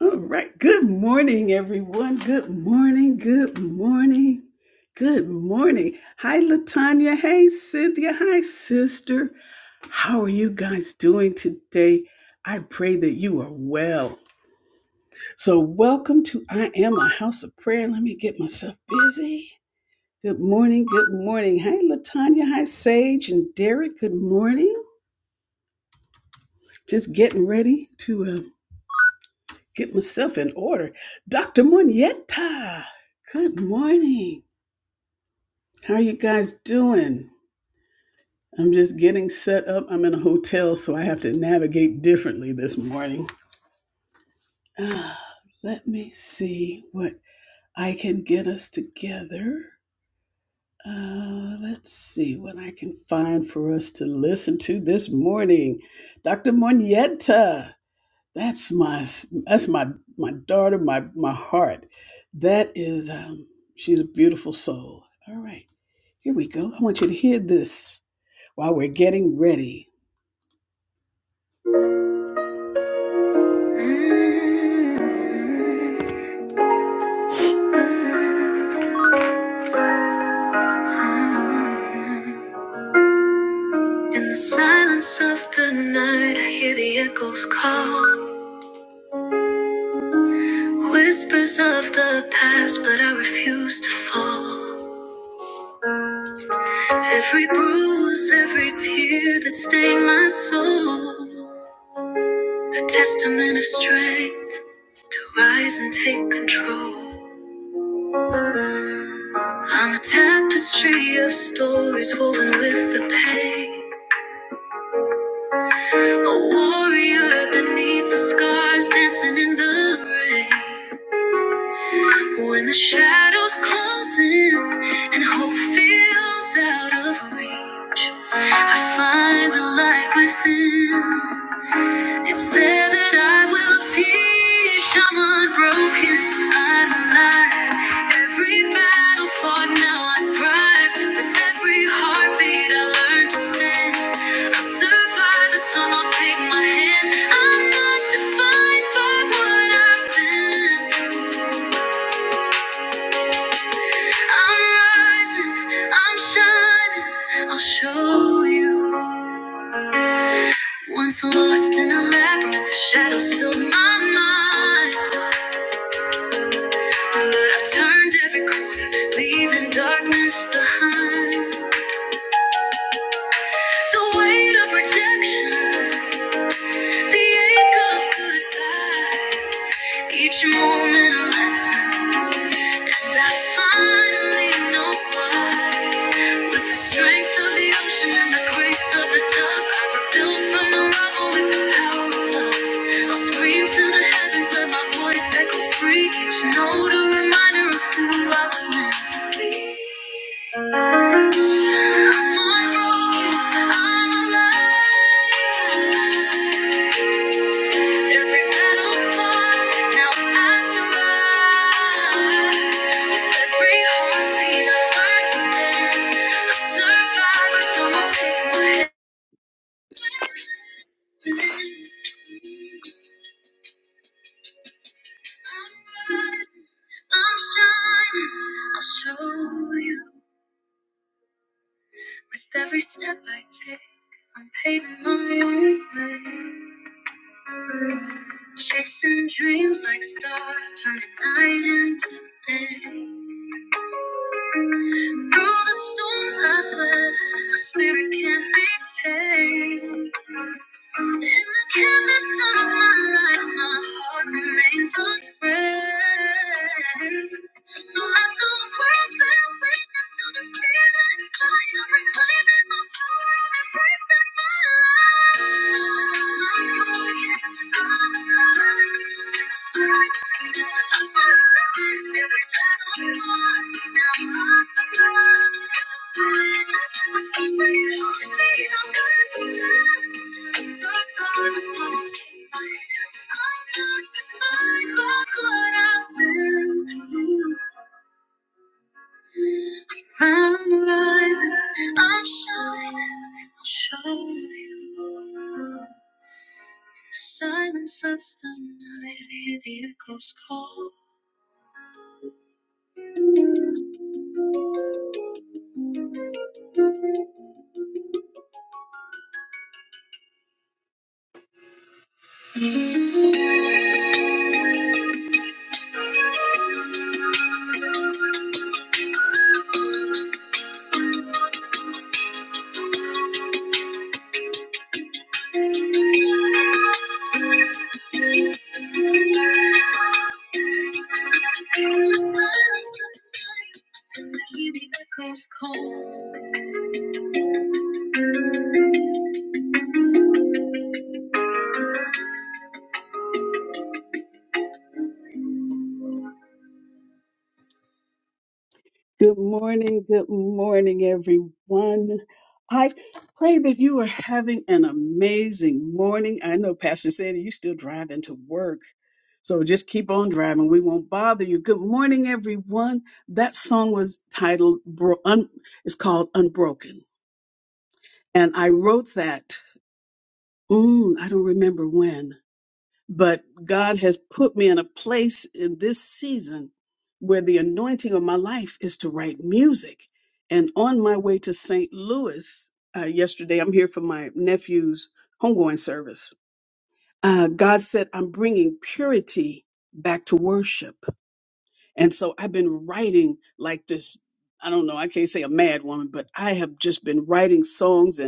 All right. Good morning, everyone. Good morning. Good morning. Good morning. Hi, Latanya. Hey, Cynthia. Hi, sister. How are you guys doing today? I pray that you are well. So, welcome to I Am a House of Prayer. Let me get myself busy. Good morning. Good morning. Hi, Latanya. Hi, Sage and Derek. Good morning. Just getting ready to uh, get myself in order. Dr. Munyeta, good morning. How are you guys doing? I'm just getting set up. I'm in a hotel, so I have to navigate differently this morning. Ah, let me see what I can get us together. Uh, let's see what I can find for us to listen to this morning. Dr. Monietta. That's my that's my my daughter, my my heart. That is um, she's a beautiful soul. All right, here we go. I want you to hear this while we're getting ready. In the silence of the night, I hear the echoes call. Whispers of the past, but I refuse to fall. Every bruise, every tear that stained my soul. A testament of strength to rise and take control. I'm a tapestry of stories woven with the pain. A warrior beneath the scars, dancing in the rain. When the shadows close in and hope feels out of reach, I find the light within. It's there that I will teach. I'm unbroken. I'm alive. Every battle fought, now I thrive. With every heartbeat, I learn to stand. I survive, and some will take my hand. I'm not defined by what I've been through. I'm rising. I'm shining. I'll show you. Once lost in a labyrinth, shadows filled my mind. But I've turned every corner, leaving darkness behind. The weight of rejection, the ache of goodbye. Each moment a lesson, I finally know why. With the strength of the ocean and the grace of the dove, I rebuild from the rubble with the power of love. I'll scream to the heavens, let my voice echo free. Each note a reminder of who I was meant to be. I'm unbroken, I'm alive. Every battle fought, now I thrive. With every heartbeat, I learn to stand. A survivor, someone take my hand. I'm shining. I'll show you. With every step I take, I'm paving my own way. Chasing dreams like stars, turning night into day. Through the storms I have fled, my spirit can't be tamed. In the canvas of my life, my heart remains afraid. So let the world bear witness to this feeling. I am reclaiming my power, I'm embracing my life. I'm broken, I'm alive. I'm a sinner, every day. I'm rising, I'm shining, I'll show you. The silence of the night, hear the echoes call. Good morning, good morning, everyone. I pray that you are having an amazing morning. I know Pastor Sandy, you're still driving to work. So just keep on driving. We won't bother you. Good morning, everyone. That song was titled, Bro- Un- it's called Unbroken. And I wrote that, mm, I don't remember when, but God has put me in a place in this season where the anointing of my life is to write music. And on my way to St. Louis uh, yesterday, I'm here for my nephew's homegoing service. Uh, God said, I'm bringing purity back to worship. And so I've been writing like this. I don't know, I can't say a mad woman, but I have just been writing songs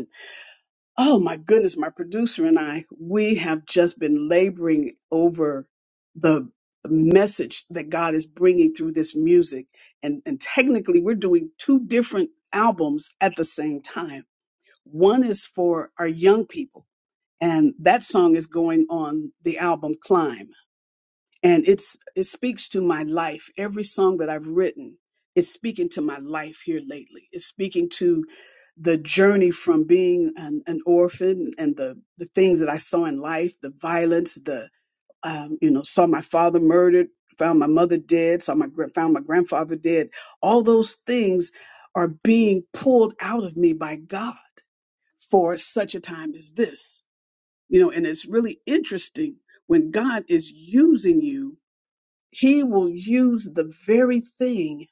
Oh my goodness, my producer and I, we have just been laboring over the message that God is bringing through this music. And, and technically, we're doing two different albums at the same time. One is for our young people, and that song is going on the album Climb and it's it speaks to my life every song that i've written is speaking to my life here lately it's speaking to the journey from being an, an orphan and the the things that i saw in life the violence the um, you know saw my father murdered found my mother dead saw my gra- found my grandfather dead all those things are being pulled out of me by god for such a time as this you know and it's really interesting when god is using you he will use the very thing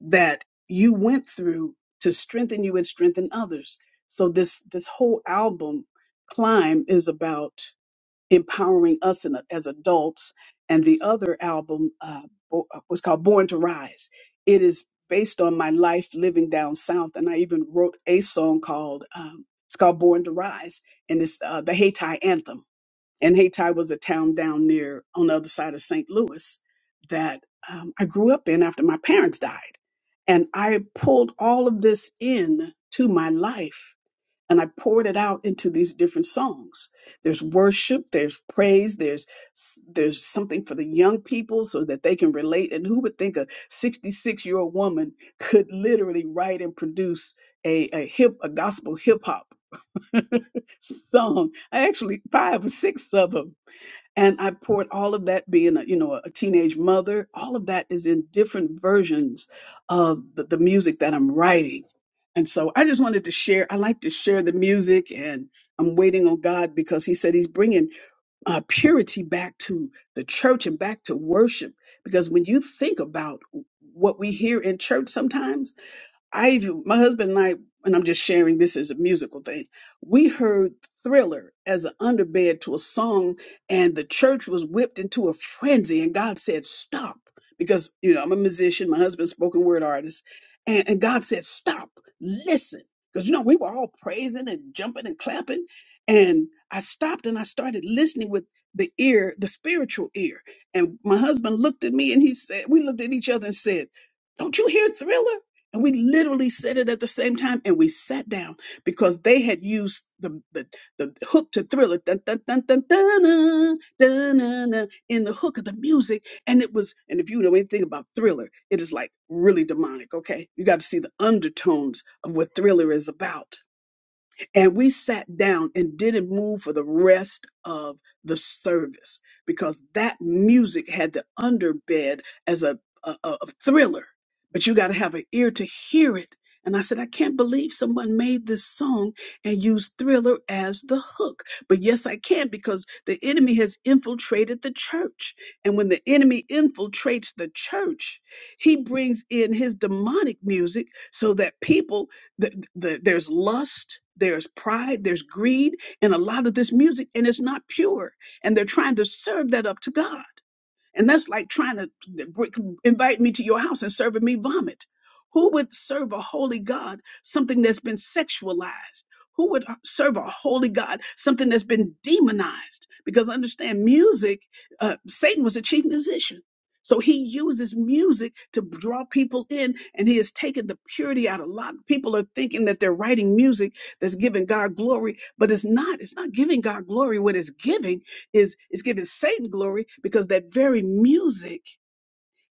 that you went through to strengthen you and strengthen others. So this this whole album, Climb, is about empowering us in, as adults, and the other album uh, bo- uh, was called Born to Rise. It is based on my life living down south, and I even wrote a song called um, it's called Born to Rise, and it's uh, the Haiti anthem and Hayti was a town down near on the other side of St. Louis that um, I grew up in after my parents died. And I pulled all of this in to my life and I poured it out into these different songs. There's worship, there's praise, there's there's something for the young people so that they can relate. And who would think a 66 year old woman could literally write and produce a, a hip a gospel hip hop song? I actually five or six of them and I poured all of that being a you know a teenage mother, all of that is in different versions of the, the music that I'm writing. And so I just wanted to share. I like to share the music, and I'm waiting on God because He said He's bringing uh, purity back to the church and back to worship. Because when you think about what we hear in church sometimes, I my husband and I, and I'm just sharing this as a musical thing. We heard Thriller as an underbed to a song, and the church was whipped into a frenzy. And God said, "Stop," because you know I'm a musician. My husband's a spoken word artist, and, and God said, "Stop, listen," because you know we were all praising and jumping and clapping, and I stopped and I started listening with the ear, the spiritual ear. And my husband looked at me and he said, "We looked at each other and said." Don't you hear Thriller? And we literally said it at the same time and we sat down because they had used the the, the hook to thriller dun, dun, dun, dun, dun, dun, dun, dun, dun, in the hook of the music. And it was, and if you know anything about thriller, it is like really demonic, okay? You got to see the undertones of what thriller is about. And we sat down and didn't move for the rest of the service because that music had the underbed as a, a, a a thriller, but you got to have an ear to hear it. And I said, I can't believe someone made this song and used thriller as the hook. But yes, I can because the enemy has infiltrated the church. And when the enemy infiltrates the church, he brings in his demonic music so that people the, the, there's lust there's pride there's greed in a lot of this music and it's not pure and they're trying to serve that up to god and that's like trying to br- invite me to your house and serving me vomit. Who would serve a holy God something that's been sexualized? Who would uh, serve a holy God something that's been demonized? Because understand, music, uh, Satan was a chief musician. So he uses music to draw people in, and he has taken the purity out of a lot. People are thinking that they're writing music that's giving God glory, but it's not. It's not giving God glory. What it's giving is is giving Satan glory because that very music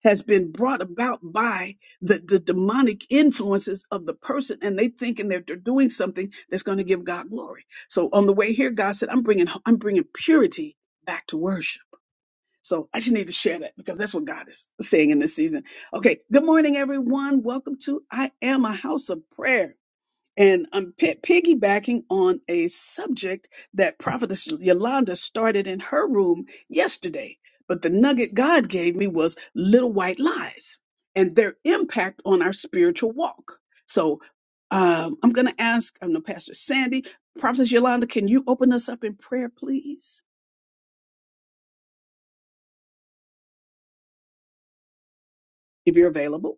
has been brought about by the, the demonic influences of the person and they thinking that they're doing something that's going to give God glory. So on the way here, God said, I'm bringing, I'm bringing purity back to worship. So I just need to share that because that's what God is saying in this season. Okay. Good morning, everyone. Welcome to I am a house of prayer. And I'm pi- piggybacking on a subject that Prophetess Yolanda started in her room yesterday. But the nugget God gave me was little white lies and their impact on our spiritual walk. So um, I'm going to ask, I know Pastor Sandy, Prophetess Yolanda, can you open us up in prayer, please, if you're available?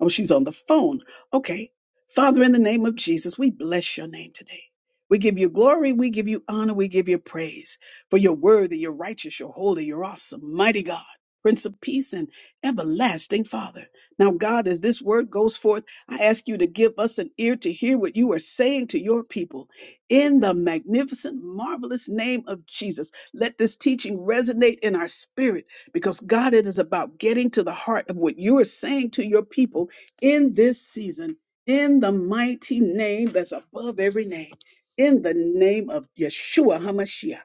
Oh, she's on the phone. Okay. Father, in the name of Jesus, we bless your name today. We give you glory, we give you honor, we give you praise. For you're worthy, you're righteous, you're holy, you're awesome, mighty God, Prince of Peace and everlasting Father. Now, God, as this word goes forth, I ask you to give us an ear to hear what you are saying to your people. In the magnificent, marvelous name of Jesus, let this teaching resonate in our spirit because, God, it is about getting to the heart of what you are saying to your people in this season, in the mighty name that's above every name, in the name of Yeshua HaMashiach,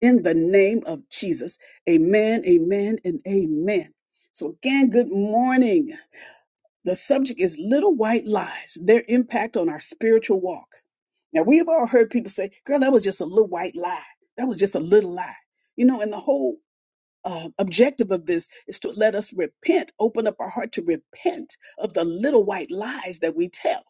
in the name of Jesus. Amen, amen, and amen. So, again, good morning. The subject is little white lies, their impact on our spiritual walk. Now, we have all heard people say, girl, that was just a little white lie. That was just a little lie. You know, and the whole uh, objective of this is to let us repent, open up our heart to repent of the little white lies that we tell.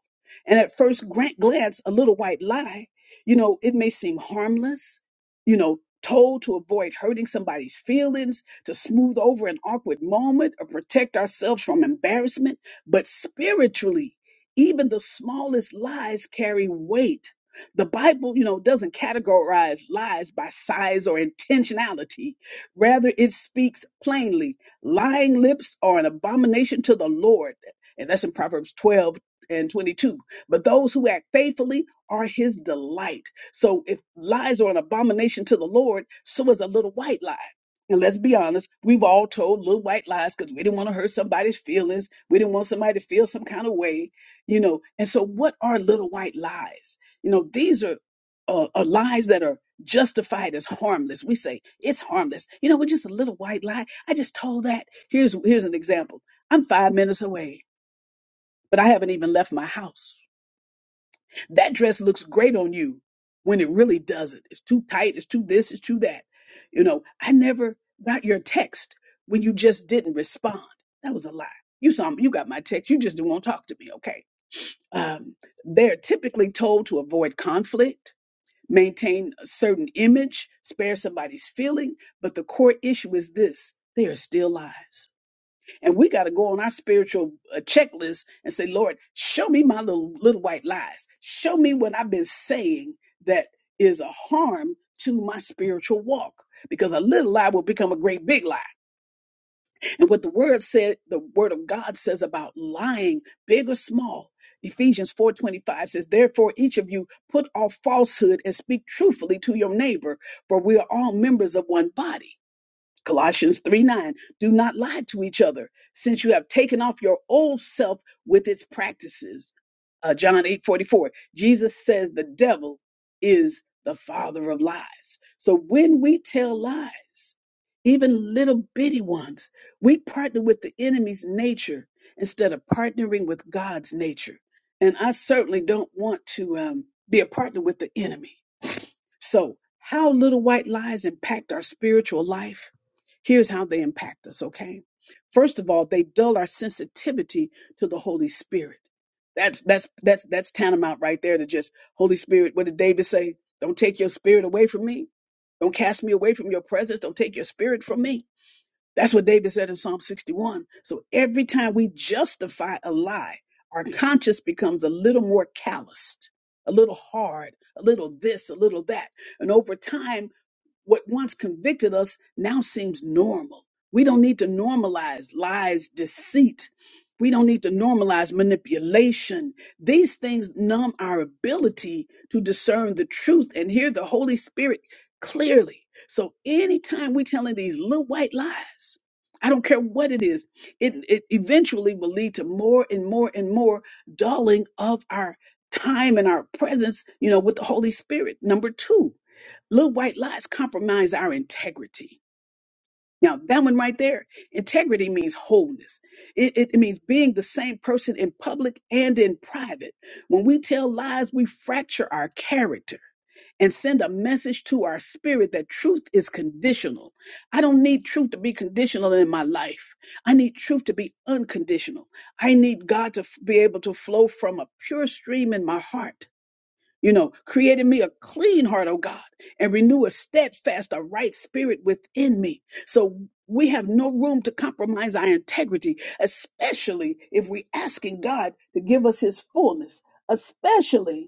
And at first grant glance, a little white lie, you know, it may seem harmless, you know, told to avoid hurting somebody's feelings, to smooth over an awkward moment, or protect ourselves from embarrassment. But spiritually, even the smallest lies carry weight. The Bible, you know, doesn't categorize lies by size or intentionality Rather, it speaks plainly. Lying lips are an abomination to the Lord. And that's in Proverbs 12 and 22. But those who act faithfully are his delight. So if lies are an abomination to the Lord, so is a little white lie. And let's be honest, we've all told little white lies because we didn't want to hurt somebody's feelings. We didn't want somebody to feel some kind of way, you know. And so, what are little white lies? You know, these are, uh, are lies that are justified as harmless. We say it's harmless. You know, we're just a little white lie, I just told that. Here's here's an example. I'm five minutes away, but I haven't even left my house. That dress looks great on you when it really doesn't. It's too tight. It's too this. It's too that. You know, I never got your text when you just didn't respond. That was a lie. You saw you got my text. You just didn't want to talk to me. Okay. Um, they're typically told to avoid conflict maintain a certain image, spare somebody's feeling. But the core issue is this they are still lies. And we got to go on our spiritual uh, checklist and say, Lord, show me my little, little white lies. Show me what I've been saying that is a harm to my spiritual walk. Because a little lie will become a great big lie. And what the word said, the word of God says about lying, big or small. Ephesians 4:25 says, "Therefore each of you put off falsehood and speak truthfully to your neighbor, for we are all members of one body." Colossians 3 9, do not lie to each other, since you have taken off your old self with its practices. Uh, John eight forty four. Jesus says the devil is the father of lies. So when we tell lies, even little bitty ones, we partner with the enemy's nature instead of partnering with God's nature. And I certainly don't want to um, be a partner with the enemy. So, how little white lies impact our spiritual life? Here's how they impact us, okay? First of all, they dull our sensitivity to the Holy Spirit. That's that's that's that's tantamount right there to just Holy Spirit. What did David say? Don't take your spirit away from me. Don't cast me away from your presence. Don't take your spirit from me. That's what David said in Psalm 61. So every time we justify a lie, our conscience becomes a little more calloused, a little hard, a little this, a little that. And over time, what once convicted us now seems normal. We don't need to normalize lies, deceit. We don't need to normalize manipulation. These things numb our ability to discern the truth and hear the Holy Spirit clearly. So anytime we're telling these little white lies, I don't care what it is, it, it eventually will lead to more and more and more dulling of our time and our presence, you know, with the Holy Spirit. Number two, Little white lies compromise our integrity. Now, that one right there, integrity means wholeness. It, it, it means being the same person in public and in private. When we tell lies, we fracture our character and send a message to our spirit that truth is conditional. I don't need truth to be conditional in my life. I need truth to be unconditional. I need God to f- be able to flow from a pure stream in my heart. You know, create in me a clean heart, oh God, and renew a steadfast, a right spirit within me. So we have no room to compromise our integrity, especially if we're asking God to give us his fullness, especially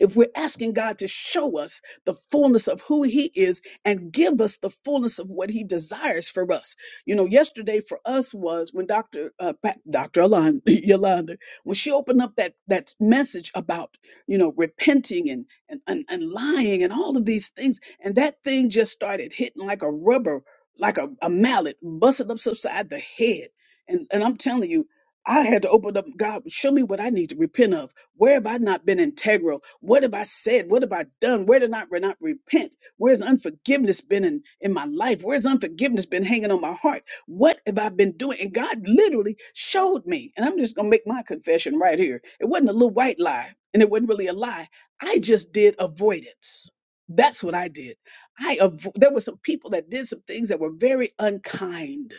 if we're asking God to show us the fullness of who He is and give us the fullness of what He desires for us. You know, yesterday for us was when Dr. Uh, Pa- Dr. Alon, Yolanda, when she opened up that, that message about, you know, repenting and, and, and, and lying and all of these things. And that thing just started hitting like a rubber, like a, a mallet, busting up upside the head. And, and I'm telling you, I had to open up. God, show me what I need to repent of where have I not been integral? What have I said? What have I done? Where did I not repent? Where's unforgiveness been in, in my life? Where's unforgiveness been hanging on my heart? What have I been doing? And God literally showed me. And I'm just going to make my confession right here. It wasn't a little white lie, and it wasn't really a lie. I just did avoidance. That's what I did. I avo- there were some people that did some things that were very unkind.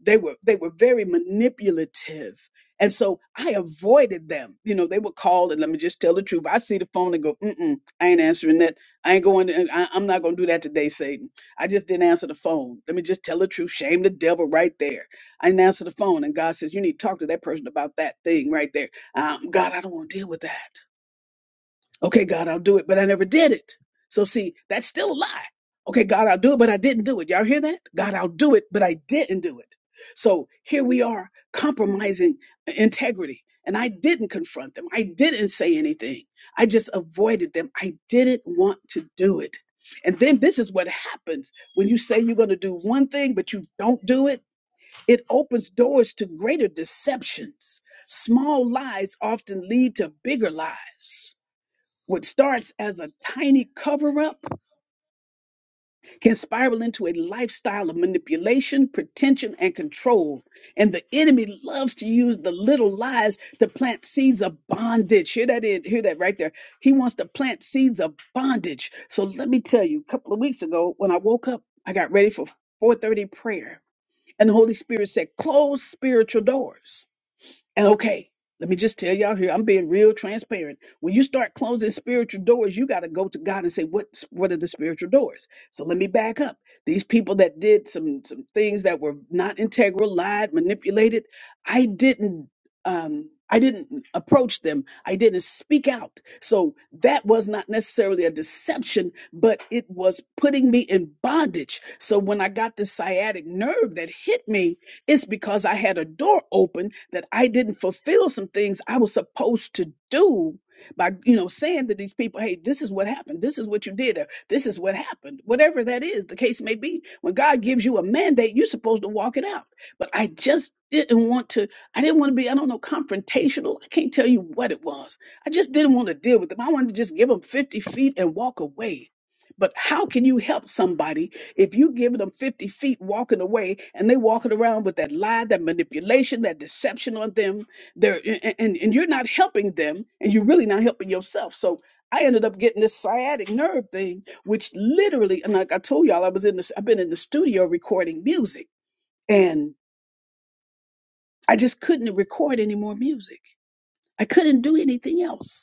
They were they were very manipulative. And so I avoided them. You know, they would call, and let me just tell the truth. I see the phone and go, mm-mm, I ain't answering that. I ain't going, to, I, I'm not going to do that today, Satan. I just didn't answer the phone. Let me just tell the truth. Shame the devil right there. I didn't answer the phone. And God says, you need to talk to that person about that thing right there. Um, God, I don't want to deal with that. Okay, God, I'll do it, but I never did it. So see, that's still a lie. Okay, God, I'll do it, but I didn't do it. Y'all hear that? God, I'll do it, but I didn't do it. So here we are compromising integrity. And I didn't confront them. I didn't say anything. I just avoided them. I didn't want to do it. And then this is what happens when you say you're going to do one thing, but you don't do it. It opens doors to greater deceptions. Small lies often lead to bigger lies. What starts as a tiny cover up can spiral into a lifestyle of manipulation, pretension, and control. And the enemy loves to use the little lies to plant seeds of bondage. Hear that? In, hear that right there. He wants to plant seeds of bondage. So let me tell you, a couple of weeks ago, when I woke up, I got ready for 4:30 prayer, and the Holy Spirit said, "Close spiritual doors." And okay, let me just tell y'all here, I'm being real transparent. When you start closing spiritual doors, you got to go to God and say, what, what are the spiritual doors? So let me back up. These people that did some, some things that were not integral, lied, manipulated, I didn't, um, I didn't approach them. I didn't speak out. So that was not necessarily a deception, but it was putting me in bondage. So when I got the sciatic nerve that hit me, it's because I had a door open that I didn't fulfill some things I was supposed to do by, you know, saying to these people, hey, this is what happened. This is what you did. Or this is what happened. Whatever that is, the case may be. When God gives you a mandate, you're supposed to walk it out. But I just didn't want to, I didn't want to be, I don't know, confrontational. I can't tell you what it was. I just didn't want to deal with them. I wanted to just give them 50 feet and walk away. But how can you help somebody? If you give them 50 feet walking away and they walking around with that lie, that manipulation, that deception on them, they're and, and, and you're not helping them and you're really not helping yourself. So I ended up getting this sciatic nerve thing, which literally, and like I told y'all, I was in this, I've been in the studio recording music and I just couldn't record any more music. I couldn't do anything else.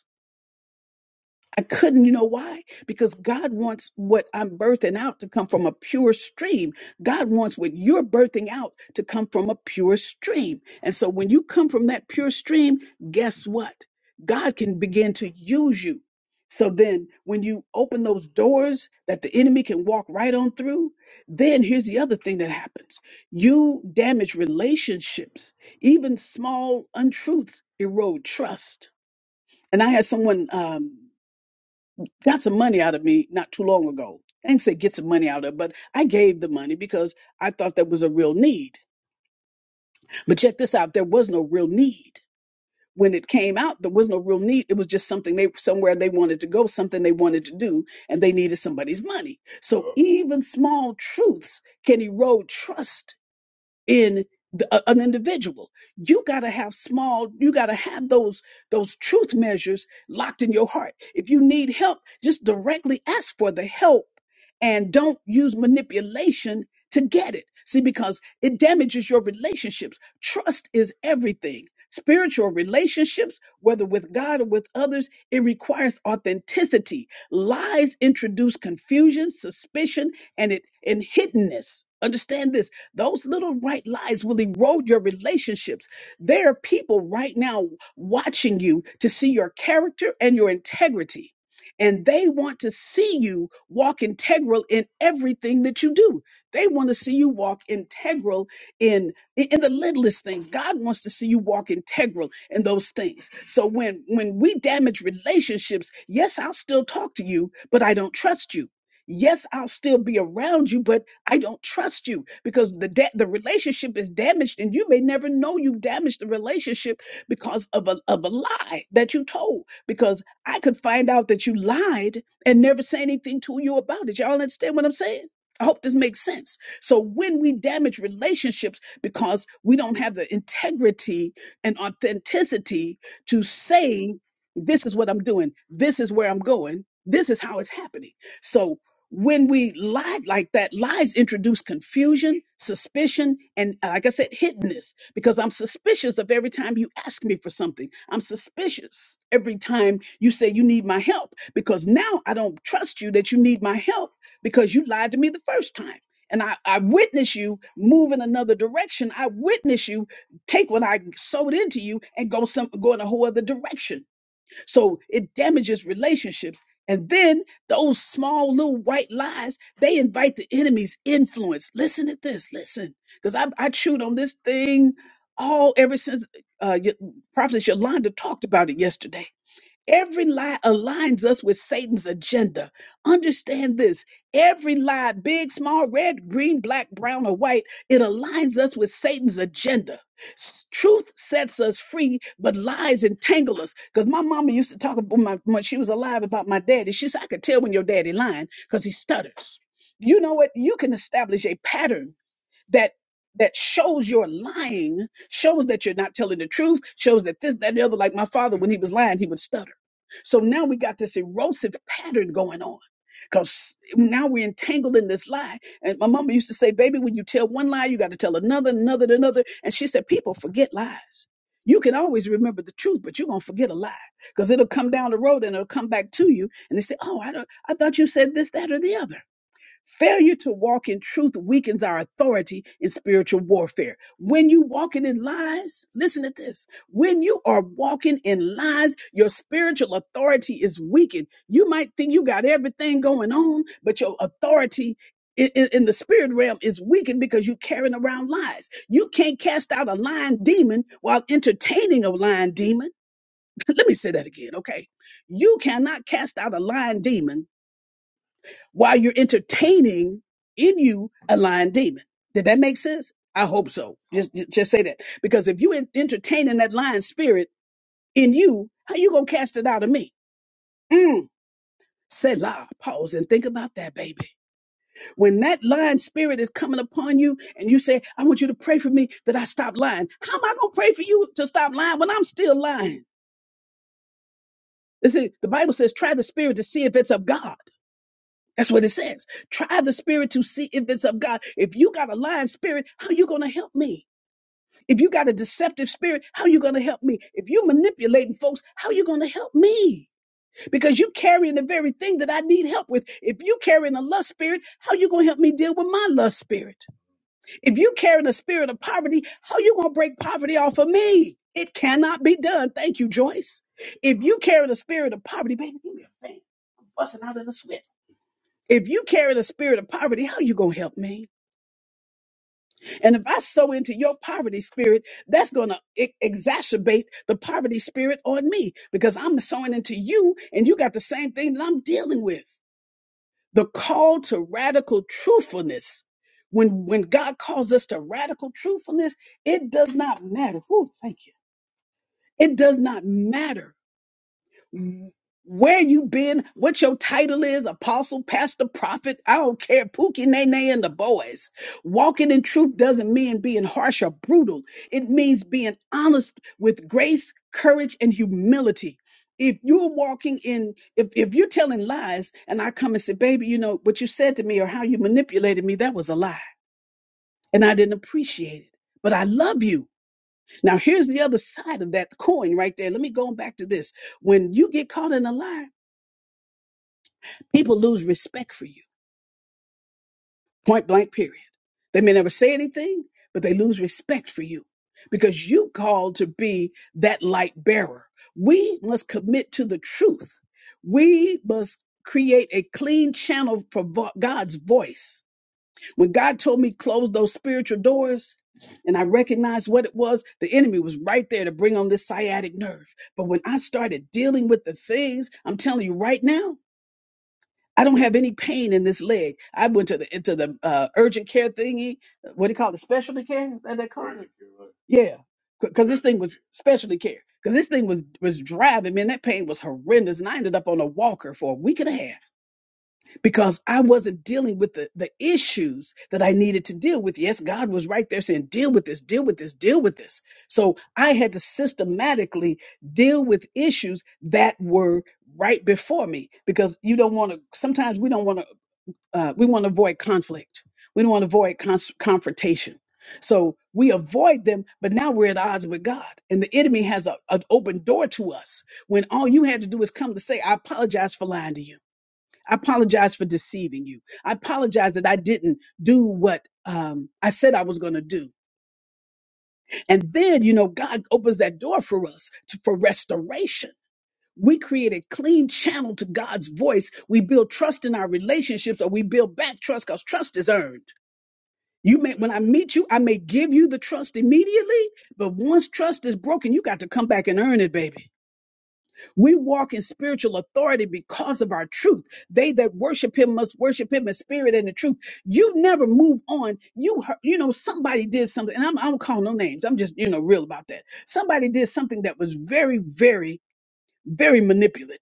I couldn't, you know why? Because God wants what I'm birthing out to come from a pure stream. God wants what you're birthing out to come from a pure stream. And so when you come from that pure stream, guess what? God can begin to use you. So then when you open those doors that the enemy can walk right on through, then here's the other thing that happens. You damage relationships. Even small untruths erode trust. And I had someone um, got some money out of me not too long ago. I didn't say get some money out of, it, but I gave the money because I thought that was a real need. But check this out: there was no real need when it came out. There was no real need. It was just something they somewhere they wanted to go, something they wanted to do, and they needed somebody's money. So even small truths can erode trust in the, a- an individual. You got to have small, you got to have those those truth measures locked in your heart. If you need help, just directly ask for the help and don't use manipulation to get it. See because it damages your relationships. Trust is everything. Spiritual relationships, whether with God or with others, it requires authenticity. Lies introduce confusion, suspicion, and it and hiddenness. Understand this those little white lies will erode your relationships. There are people right now watching you to see your character and your integrity. And they want to see you walk integral in everything that you do. They want to see you walk integral in in in the littlest things. God wants to see you walk integral in those things. So when when we damage relationships, yes, I'll still talk to you, but I don't trust you. Yes, I'll still be around you, but I don't trust you because the da- the relationship is damaged, and you may never know you damaged the relationship because of a of a lie that you told. Because I could find out that you lied and never say anything to you about it. Y'all understand what I'm saying? I hope this makes sense. So when we damage relationships because we don't have the integrity and authenticity to say, this is what I'm doing, this is where I'm going, this is how it's happening. So when we lie like that, lies introduce confusion, suspicion, and uh, like I said, hiddenness, because I'm suspicious of every time you ask me for something. I'm suspicious every time you say you need my help, because now I don't trust you that you need my help because you lied to me the first time. And I, I witness you move in another direction. I witness you take what I sowed into you and go some go in a whole other direction. So it damages relationships. And then those small little white lies, they invite the enemy's influence. Listen to this. Listen, because I, I chewed on this thing all ever since uh, Y- Prophetess Yolanda talked about it yesterday Every lie aligns us with Satan's agenda. Understand this every lie, big, small, red, green, black, brown, or white, it aligns us with Satan's agenda. S- Truth sets us free, but lies entangle us. Because my mama used to talk about my, when she was alive about my daddy. She said, I could tell when your daddy lying because he stutters. You know what? You can establish a pattern that that shows you're lying, shows that you're not telling the truth, shows that this, that, and the other. Like my father, when he was lying, he would stutter. So now we got this erosive pattern going on. Because now we're entangled in this lie. And my mama used to say, baby, when you tell one lie, you got to tell another, another, and another. And she said, people forget lies. You can always remember the truth, but you're going to forget a lie because it'll come down the road and it'll come back to you. And they say, oh, I, don't, I thought you said this, that, or the other. Failure to walk in truth weakens our authority in spiritual warfare. When you walking in lies, listen to this. When you are walking in lies, your spiritual authority is weakened. You might think you got everything going on, but your authority i- i- in the spirit realm is weakened because you're carrying around lies. You can't cast out a lying demon while entertaining a lying demon. Let me say that again, okay? You cannot cast out a lying demon while you're entertaining in you a lying demon. Did that make sense? I hope so. Just just say that because if you en- entertaining that lying spirit in you, how you gonna cast it out of me? Mm. Selah, pause and think about that, baby. When that lying spirit is coming upon you and you say, I want you to pray for me that I stop lying. How am I going to pray for you to stop lying when I'm still lying? You see, the Bible says, try the spirit to see if it's of God. That's what it says. Try the spirit to see if it's of God. If you got a lying spirit, how you gonna help me? If you got a deceptive spirit, how you gonna help me? If you manipulating folks, how you gonna help me? Because you carrying the very thing that I need help with. If you carrying a lust spirit, how you gonna help me deal with my lust spirit? If you carrying a spirit of poverty, how you gonna break poverty off of me? It cannot be done. Thank you, Joyce. If you carry the spirit of poverty, baby, give me a fan. Busting out in the sweat. If you carry the spirit of poverty, how you going to help me? And if I sow into your poverty spirit, that's going to exacerbate the poverty spirit on me because I'm sowing into you and you got the same thing that I'm dealing with. The call to radical truthfulness. When, when God calls us to radical truthfulness, it does not matter. Whew, thank you. It does not matter where you been, what your title is, apostle, pastor, prophet, I don't care, Pookie, Nene, and the boys. Walking in truth doesn't mean being harsh or brutal. It means being honest with grace, courage, and humility. If you're walking in, if, if you're telling lies and I come and say, baby, you know, what you said to me or how you manipulated me, that was a lie. And I didn't appreciate it, but I love you. Now, here's the other side of that coin right there. Let me go back to this. When you get caught in a lie, People lose respect for you, point blank, period. They may never say anything, but they lose respect for you because you called to be that light bearer. We must commit to the truth. We must create a clean channel for vo- God's voice. When God told me close those spiritual doors, and I recognized what it was, the enemy was right there to bring on this sciatic nerve. But when I started dealing with the things, I'm telling you right now, I don't have any pain in this leg. I went to the into the uh, urgent care thingy. What do you call it? Specialty care? Is That they call it? Yeah, because this thing was specialty care. Because this thing was was driving me, and that pain was horrendous. And I ended up on a walker for a week and a half because I wasn't dealing with the the issues that I needed to deal with. Yes, God was right there saying, "Deal with this, deal with this, deal with this." So I had to systematically deal with issues that were right before me because you don't want to. Sometimes we don't want to uh, we want to avoid conflict. We don't want to avoid cons- confrontation. So we avoid them, but now we're at odds with God. And the enemy has a, an open door to us when all you had to do is come to say, I apologize for lying to you. I apologize for deceiving you. I apologize that I didn't do what um, I said I was going to do. And then, you know, God opens that door for us to, for restoration. We create a clean channel to God's voice. We build trust in our relationships or we build back trust because trust is earned. You may, when I meet you, I may give you the trust immediately, but once trust is broken, you got to come back and earn it, baby. We walk in spiritual authority because of our truth. They that worship him must worship him in spirit and in truth. You never move on. You heard, you know, somebody did something, and I'm, I don't call no names. I'm just, you know, real about that. Somebody did something that was very, very, very manipulative.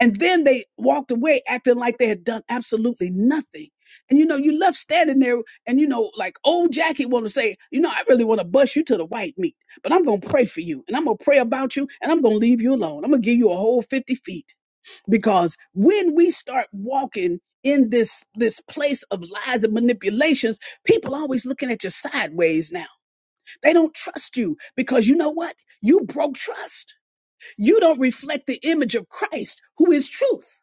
And then they walked away acting like they had done absolutely nothing. And you know, you left standing there and you know, like old Jackie wanna say, you know, I really wanna bust you to the white meat, but I'm gonna pray for you and I'm gonna pray about you and I'm gonna leave you alone. I'm gonna give you a whole 50 feet. Because when we start walking in this this place of lies and manipulations, people always looking at you sideways now. They don't trust you because you know what? You broke trust. You don't reflect the image of Christ, who is truth.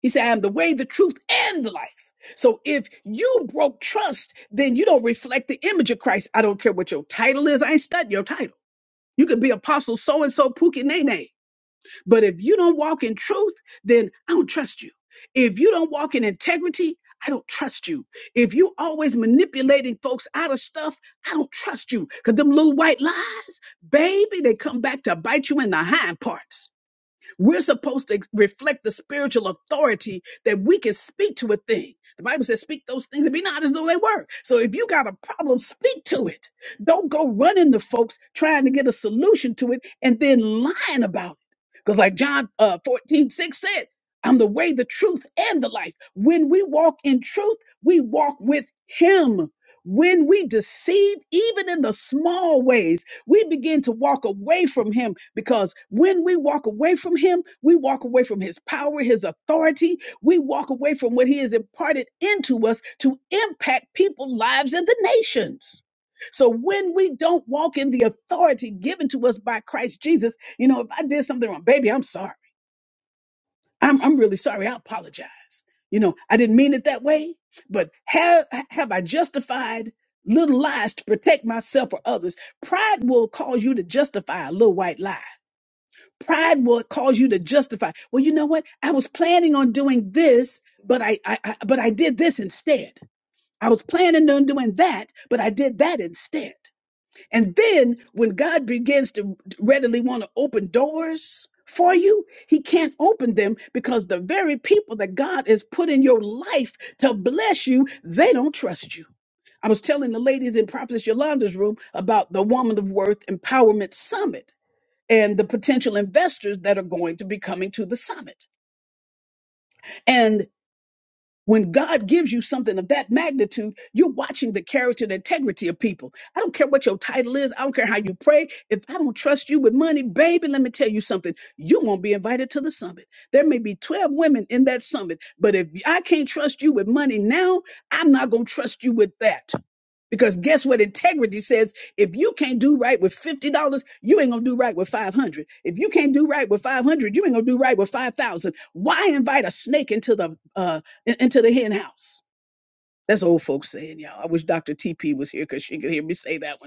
He said, I am the way, the truth, and the life. So if you broke trust, then you don't reflect the image of Christ. I don't care what your title is. I ain't studying your title. You could be apostle so and so Pookie Nene. But if you don't walk in truth, then I don't trust you. If you don't walk in integrity, I don't trust you. If you always manipulating folks out of stuff, I don't trust you. Cause them little white lies, baby, they come back to bite you in the hind parts. We're supposed to reflect the spiritual authority that we can speak to a thing. The Bible says, speak those things and be not as though they were. So if you got a problem, speak to it. Don't go running to folks trying to get a solution to it and then lying about it. Because, like John uh, 14, six said, I'm the way, the truth, and the life. When we walk in truth, we walk with Him. When we deceive, even in the small ways, we begin to walk away from him because when we walk away from him, we walk away from his power, his authority. We walk away from what he has imparted into us to impact people's lives and the nations. So when we don't walk in the authority given to us by Christ Jesus, you know, if I did something wrong, baby, I'm sorry. I'm, I'm really sorry. I apologize. You know, I didn't mean it that way, but have, have I justified little lies to protect myself or others? Pride will cause you to justify a little white lie. Pride will cause you to justify. Well, you know what? I was planning on doing this, but I, I, I but I did this instead. I was planning on doing that, but I did that instead. And then when God begins to readily want to open doors for you, he can't open them because the very people that God has put in your life to bless you, they don't trust you. I was telling the ladies in Prophetess Yolanda's room about the Woman of Worth Empowerment Summit and the potential investors that are going to be coming to the summit. When God gives you something of that magnitude, you're watching the character and integrity of people. I don't care what your title is. I don't care how you pray. If I don't trust you with money, baby, let me tell you something. You won't be invited to the summit. There may be 12 women in that summit, but if I can't trust you with money now, I'm not going to trust you with that. Because guess what integrity says? If you can't do right with $50, you ain't gonna do right with 500. If you can't do right with 500, you ain't gonna do right with 5,000. Why invite a snake into the uh in- into the hen house? That's old folks saying, y'all. I wish Dr. TP was here because she could hear me say that one.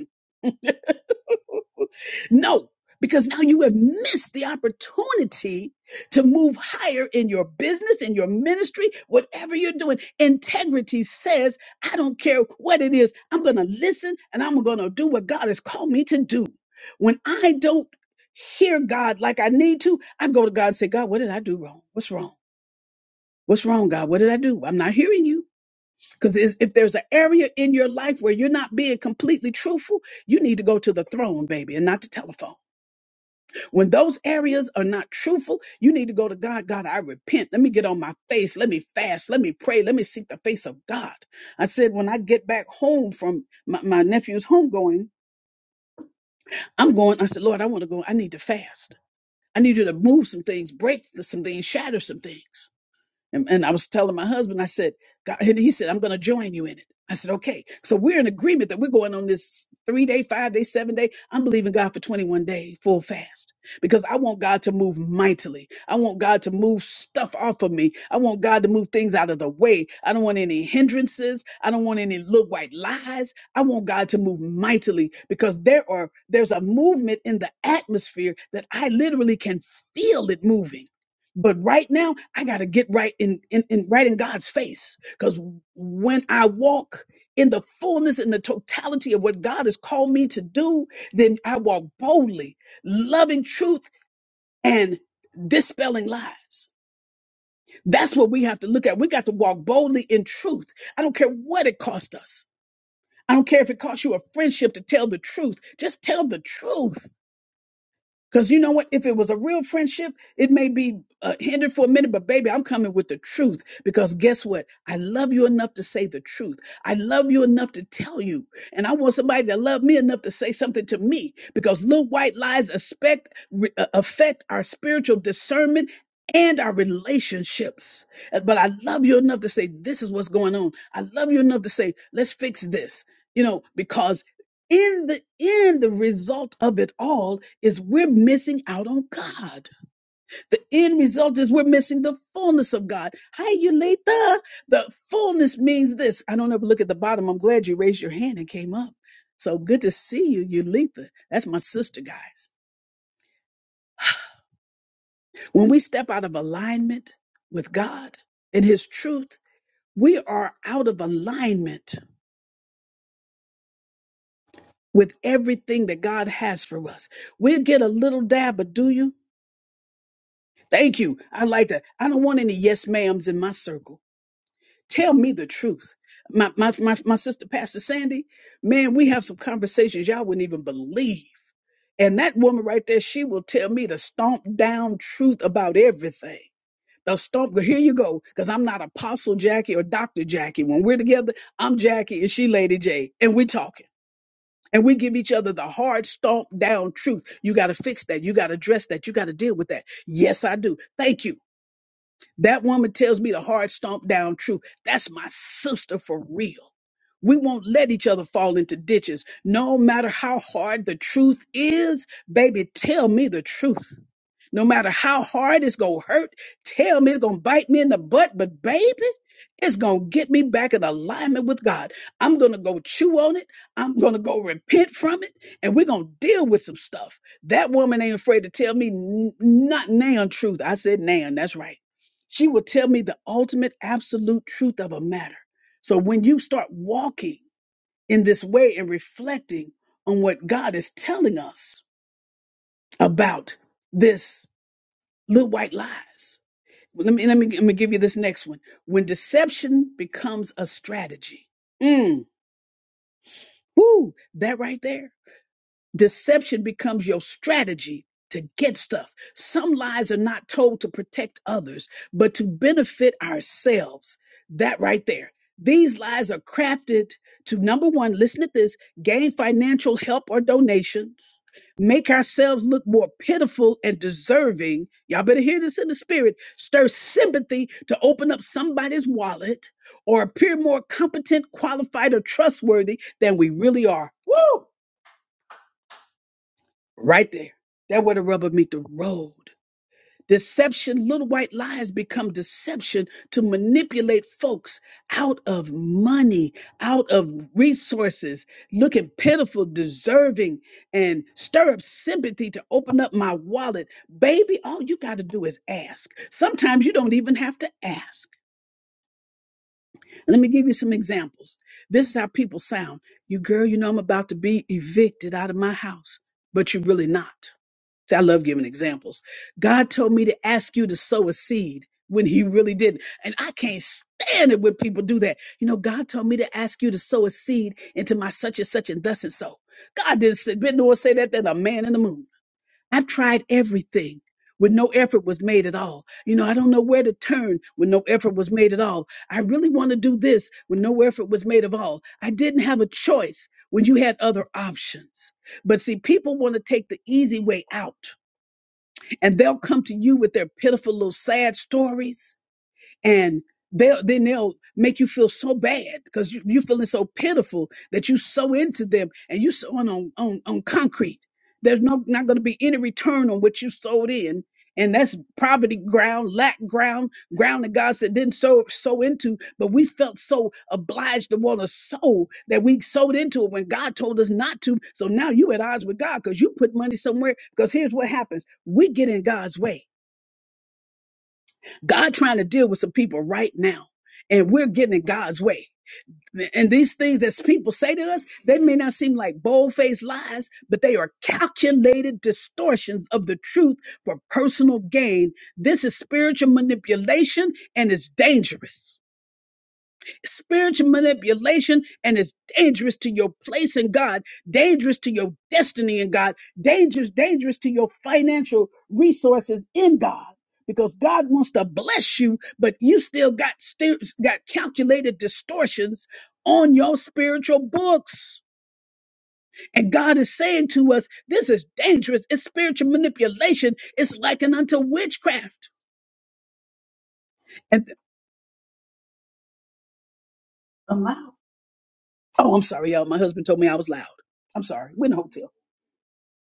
No, because now you have missed the opportunity to move higher in your business, in your ministry, whatever you're doing. Integrity says, I don't care what it is, I'm going to listen and I'm going to do what God has called me to do. When I don't hear God like I need to, I go to God and say, God, what did I do wrong? What's wrong? What's wrong, God? What did I do? I'm not hearing you. Because if there's an area in your life where you're not being completely truthful, you need to go to the throne, baby, and not the telephone. When those areas are not truthful, you need to go to God. God, I repent. Let me get on my face. Let me fast. Let me pray. Let me seek the face of God. I said, when I get back home from my, my nephew's homegoing, I'm going. I said, Lord, I want to go. I need to fast. I need you to move some things, break some things, shatter some things. And, and I was telling my husband, I said, God, and he said, I'm going to join you in it. I said, okay. So we're in agreement that we're going on this three day, five day, seven day. I'm believing God for 21 day full fast because I want God to move mightily. I want God to move stuff off of me. I want God to move things out of the way. I don't want any hindrances. I don't want any little white lies. I want God to move mightily because there are, there's a movement in the atmosphere that I literally can feel it moving. But right now, I got to get right in, in, in right in God's face. Because when I walk in the fullness and the totality of what God has called me to do, then I walk boldly, loving truth and dispelling lies. That's what we have to look at. We got to walk boldly in truth. I don't care what it cost us. I don't care if it cost you a friendship to tell the truth. Just tell the truth Because you know what? If it was a real friendship, it may be uh, hindered for a minute, but baby, I'm coming with the truth. Because guess what? I love you enough to say the truth. I love you enough to tell you. And I want somebody that love me enough to say something to me. Because little white lies expect, re- uh, affect our spiritual discernment and our relationships. Uh, But I love you enough to say, this is what's going on. I love you enough to say, let's fix this. You know, because in the end the result of it all is we're missing out on god the end result is we're missing the fullness of god hi Yulita. the fullness means this i don't ever look at the bottom i'm glad you raised your hand and came up so good to see you Yulita. That's my sister, guys. When we step out of alignment with God and His truth, we are out of alignment with everything that God has for us. We'll get a little dab, but do you? Thank you. I like that. I don't want any yes ma'ams in my circle. Tell me the truth. My, my, my, my sister, Pastor Sandy, man, we have some conversations y'all wouldn't even believe. And that woman right there, she will tell me the stomp down truth about everything. The stomp, here you go, because I'm not Apostle Jackie or Dr. Jackie. When we're together, I'm Jackie and she Lady J, and we talking. And we give each other the hard stomp down truth. You got to fix that. You got to address that. You got to deal with that. Yes, I do. Thank you. That woman tells me the hard stomp down truth. That's my sister for real. We won't let each other fall into ditches. No matter how hard the truth is, baby, tell me the truth. No matter how hard it's gonna hurt, tell me it's gonna bite me in the butt, but baby, it's gonna get me back in alignment with God. I'm gonna go chew on it. I'm gonna go repent from it, and we're gonna deal with some stuff. That woman ain't afraid to tell me n- not nan truth. I said nan, that's right. She will tell me the ultimate absolute truth of a matter. So when you start walking in this way and reflecting on what God is telling us about this Little white lies. Well, Let me, let me, let me give you this next one. When deception becomes a strategy. Mm, whoo, that right there. Deception becomes your strategy to get stuff. Some lies are not told to protect others, but to benefit ourselves. That right there. These lies are crafted to number one, listen to this gain financial help or donations, make ourselves look more pitiful and deserving. Y'all better hear this in the spirit. Stir sympathy to open up somebody's wallet or appear more competent, qualified, or trustworthy than we really are. Woo! Right there. That where the rubber meet the road. Deception, little white lies become deception to manipulate folks out of money, out of resources, looking pitiful, deserving, and stir up sympathy to open up my wallet. Baby, all you got to do is ask. Sometimes you don't even have to ask. Let me give you some examples. This is how people sound. You girl, you know I'm about to be evicted out of my house, but you're really not. See, I love giving examples. God told me to ask you to sow a seed when he really didn't. And I can't stand it when people do that. You know, God told me to ask you to sow a seed into my such and such and thus and so. God didn't say, didn't no one say that than a man in the moon. I've tried everything when no effort was made at all. You know, I don't know where to turn when no effort was made at all. I really want to do this when no effort was made at all. I didn't have a choice when you had other options. But see, people want to take the easy way out and they'll come to you with their pitiful little sad stories and they'll then they'll make you feel so bad because you, you're feeling so pitiful that you so into them and you sowing on on on concrete. There's no not going to be any return on what you sowed in, and that's poverty ground, lack ground, ground that God said didn't sow sow into. But we felt so obliged to want to sow that we sowed into it when God told us not to. So now you at odds with God because you put money somewhere. Because here's what happens: we get in God's way God trying to deal with some people right now, and we're getting in God's way. And these things that people say to us, they may not seem like bold faced lies, but they are calculated distortions of the truth for personal gain. This is spiritual manipulation and it's dangerous spiritual manipulation and it's dangerous to your place in God, dangerous to your destiny in God, dangerous, dangerous to your financial resources in God. Because God wants to bless you, but you still got stu- got calculated distortions on your spiritual books. And God is saying to us, this is dangerous. It's spiritual manipulation. It's likened unto witchcraft. And I'm loud. Oh, I'm sorry, y'all. My husband told me I was loud. I'm sorry. We're in a hotel.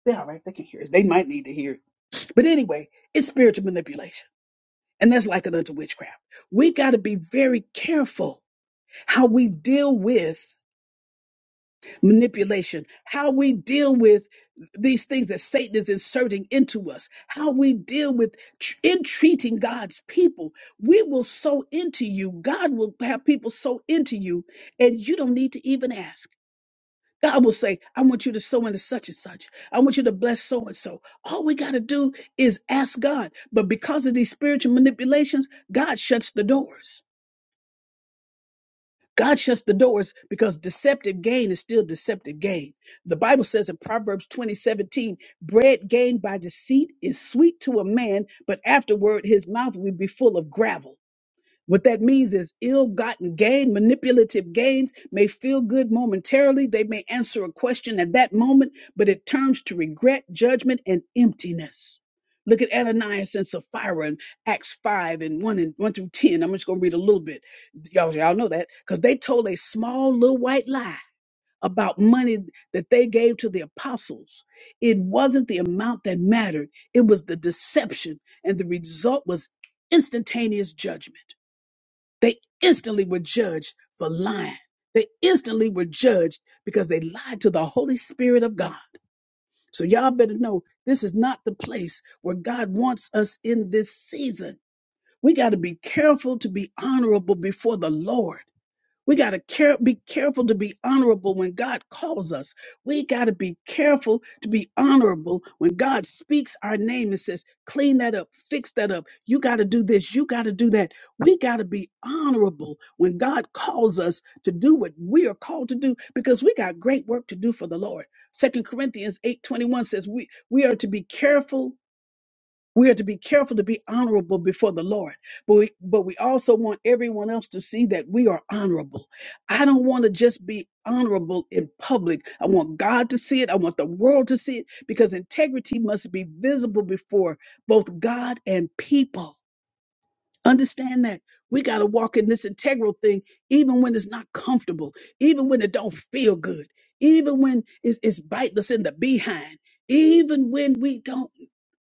They're all right. They can hear it. They might need to hear it. But anyway, it's spiritual manipulation. And that's likened it unto witchcraft. We got to be very careful how we deal with manipulation, how we deal with these things that Satan is inserting into us, how we deal with tr- entreating God's people. We will sow into you. God will have people sow into you, and you don't need to even ask. God will say, I want you to sow into such and such. I want you to bless so and so. All we got to do is ask God. But because of these spiritual manipulations, God shuts the doors. God shuts the doors because deceptive gain is still deceptive gain. The Bible says in Proverbs 20, 17, bread gained by deceit is sweet to a man, but afterward his mouth will be full of gravel. What that means is ill gotten gain, manipulative gains may feel good momentarily. They may answer a question at that moment, but it turns to regret, judgment, and emptiness. Look at Ananias and Sapphira in Acts 5 and 1 and 1 through 10. I'm just going to read a little bit. Y'all, y'all know that because they told a small little white lie about money that they gave to the apostles. It wasn't the amount that mattered, it was the deception, and the result was instantaneous judgment. They instantly were judged for lying. They instantly were judged because they lied to the Holy Spirit of God. So y'all better know this is not the place where God wants us in this season. We got to be careful to be honorable before the Lord. We got to care, be careful to be honorable when God calls us. We got to be careful to be honorable when God speaks our name and says, clean that up, fix that up. You got to do this, you got to do that. We got to be honorable when God calls us to do what we are called to do because we got great work to do for the Lord. Second Corinthians 8:21 says we we are to be careful we are to be careful to be honorable before the Lord, but we, but we also want everyone else to see that we are honorable. I don't want to just be honorable in public. I want God to see it. I want the world to see it because integrity must be visible before both God and people. Understand that we got to walk in this integral thing, even when it's not comfortable, even when it don't feel good, even when it- it's biting us in the behind, even when we don't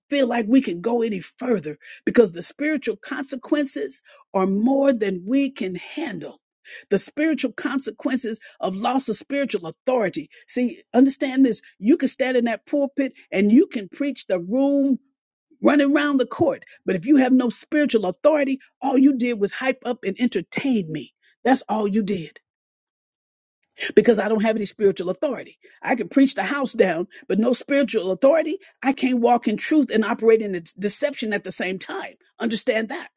feel like we can go any further because the spiritual consequences are more than we can handle. The spiritual consequences of loss of spiritual authority. See, understand this. You can stand in that pulpit and you can preach the room running around the court. But if you have no spiritual authority, all you did was hype up and entertain me. That's all you did because I don't have any spiritual authority. I can preach the house down, but no spiritual authority. I can't walk in truth and operate in its deception at the same time. Understand that.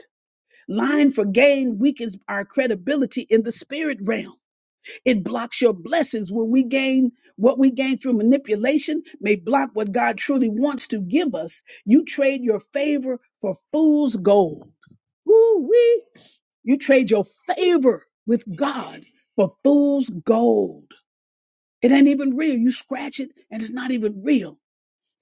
Lying for gain weakens our credibility in the spirit realm. It blocks your blessings when we gain what we gain through manipulation may block what God truly wants to give us. You trade your favor for fool's gold. Ooh wee. You trade your favor with God for fool's gold. It ain't even real. You scratch it and it's not even real.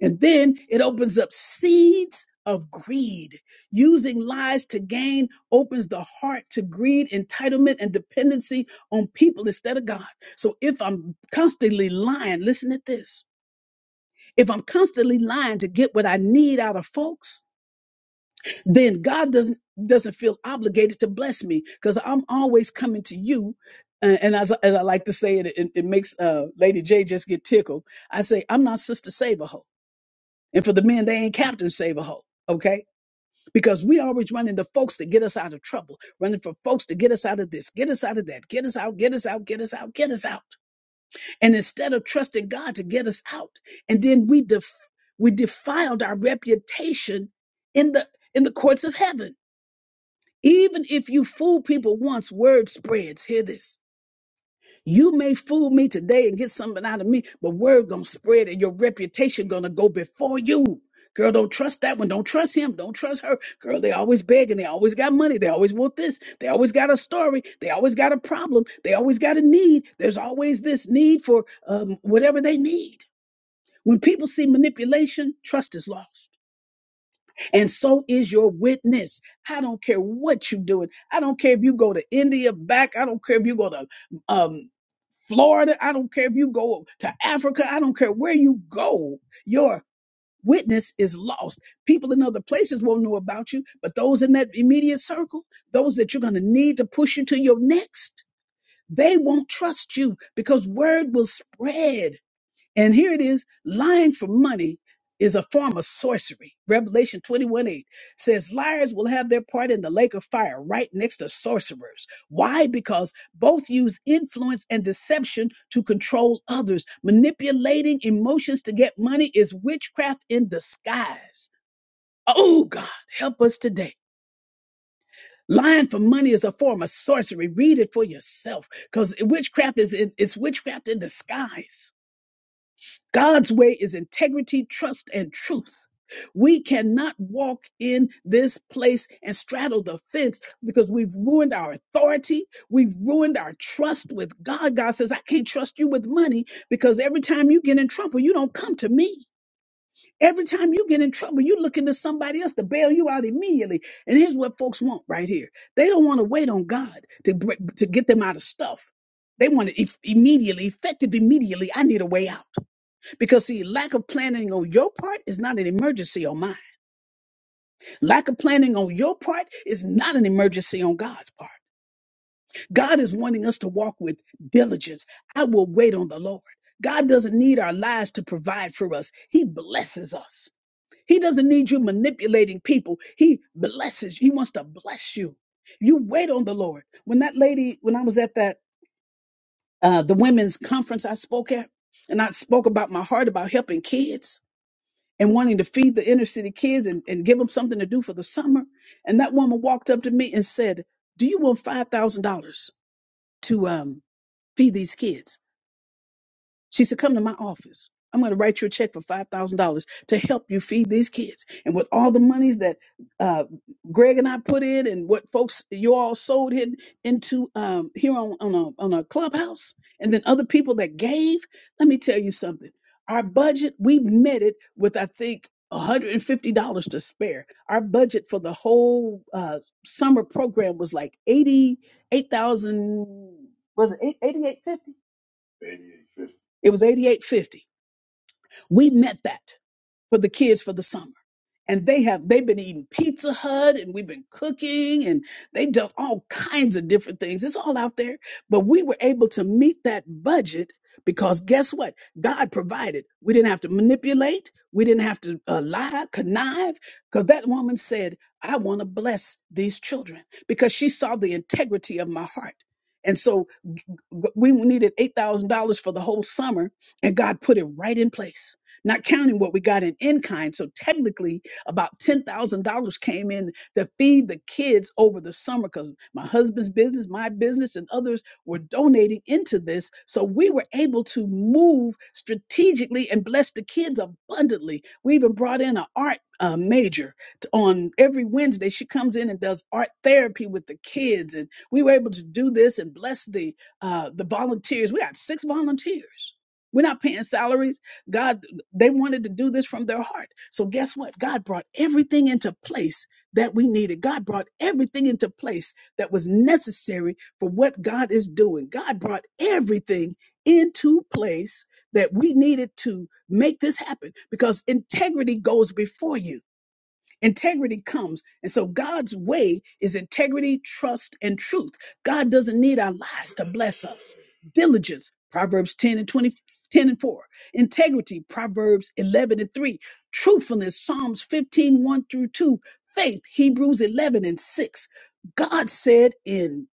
And then it opens up seeds of greed. Using lies to gain opens the heart to greed, entitlement, and dependency on people instead of God. So if I'm constantly lying, listen at this. If I'm constantly lying to get what I need out of folks, then God doesn't doesn't feel obligated to bless me because I'm always coming to you. Uh, and as, as I like to say, it, it, it makes uh, Lady J just get tickled. I say, I'm not Sister Save a hoe. And for the men, they ain't Captain Save a Hoe, okay? Because we always running to folks to get us out of trouble, running for folks to get us out of this, get us out of that, get us out, get us out, get us out, get us out. And instead of trusting God to get us out, and then we def- we defiled our reputation in the in the courts of heaven. Even if you fool people once, word spreads. Hear this. You may fool me today and get something out of me, but word gonna spread and your reputation gonna go before you. Girl, don't trust that one. Don't trust him. Don't trust her. Girl, they always begging. They always got money. They always want this. They always got a story. They always got a problem. They always got a need. There's always this need for um, whatever they need. When people see manipulation, trust is lost. And so is your witness. I don't care what you're doing. I don't care if you go to India back. I don't care if you go to um, Florida, I don't care if you go to Africa, I don't care where you go, your witness is lost. People in other places won't know about you, but those in that immediate circle, those that you're going to need to push you to your next, they won't trust you because word will spread and here it is lying for money is a form of sorcery. Revelation 21 8 says, Liars will have their part in the lake of fire right next to sorcerers. Why? Because both use influence and deception to control others. Manipulating emotions to get money is witchcraft in disguise. Oh, God, help us today. Lying for money is a form of sorcery. Read it for yourself because witchcraft is in, it's witchcraft in disguise. God's way is integrity, trust, and truth. We cannot walk in this place and straddle the fence because we've ruined our authority. We've ruined our trust with God. God says, I can't trust you with money because every time you get in trouble, you don't come to me. Every time you get in trouble, you look into somebody else to bail you out immediately. And here's what folks want right here they don't want to wait on God to, br- to get them out of stuff. They want it eff- immediately, effective immediately. I need a way out. Because see, lack of planning on your part is not an emergency on mine. Lack of planning on your part is not an emergency on God's part. God is wanting us to walk with diligence. I will wait on the Lord. God doesn't need our lives to provide for us. He blesses us. He doesn't need you manipulating people. He blesses. you. He wants to bless you. You wait on the Lord. When that lady, when I was at that uh the women's conference I spoke at, and I spoke about my heart about helping kids. and wanting to feed the inner city kids and, and give them something to do for the summer. And that woman walked up to me and said, Do you want $5,000 to um, feed these kids? She said, Come to my office. I'm going to write you a check for $5,000 to help you feed these kids. And with all the monies that uh, Greg and I put in and what folks you all sold in, into um, here on, on, a, on a clubhouse, and then other people that gave, let me tell you something. Our budget, we met it with, I think, $150 to spare. Our budget for the whole uh, summer program was like 88000 was it 8850 It was 8850 We met that for the kids for the summer. And they have they've been eating Pizza Hut and we've been cooking and they've done all kinds of different things. It's all out there. But we were able to meet that budget because guess what? God provided. We didn't have to manipulate. We didn't have to uh, lie, connive, because that woman said, I want to bless these children because she saw the integrity of my heart. And so g- we needed $8,000 for the whole summer, and God put it right in place, not counting what we got in in kind. So technically, about $10,000 came in to feed the kids over the summer because my husband's business, my business, and others were donating into this. So we were able to move strategically and bless the kids abundantly. We even brought in an art uh, major t- on every Wednesday. She comes in and does art therapy with the kids. And we were able to do this and bless the uh, the volunteers. We had six volunteers. We're not paying salaries. God, they wanted to do this from their heart. So guess what? God brought everything into place that we needed. God brought everything into place that was necessary for what God is doing. God brought everything into place that we needed to make this happen because integrity goes before you. Integrity comes. And so God's way is integrity, trust, and truth. God doesn't need our lives to bless us. Diligence, Proverbs 10 and 20 10 and 4. Integrity, Proverbs 11 and 3. Truthfulness, Psalms fifteen one through 2. Faith, Hebrews 11 and 6. God said in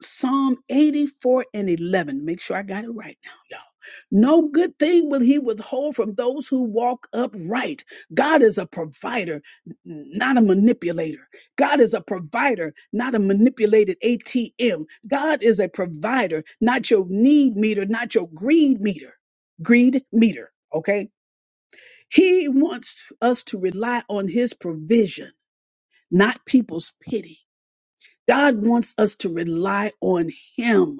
Psalm 84 and 11. Make sure I got it right now, y'all. No good thing will he withhold from those who walk upright. God is a provider, n- not a manipulator. God is a provider, not a manipulated ATM. God is a provider, not your need meter, not your greed meter. Greed meter, okay? He wants us to rely on his provision, not people's pity. God wants us to rely on him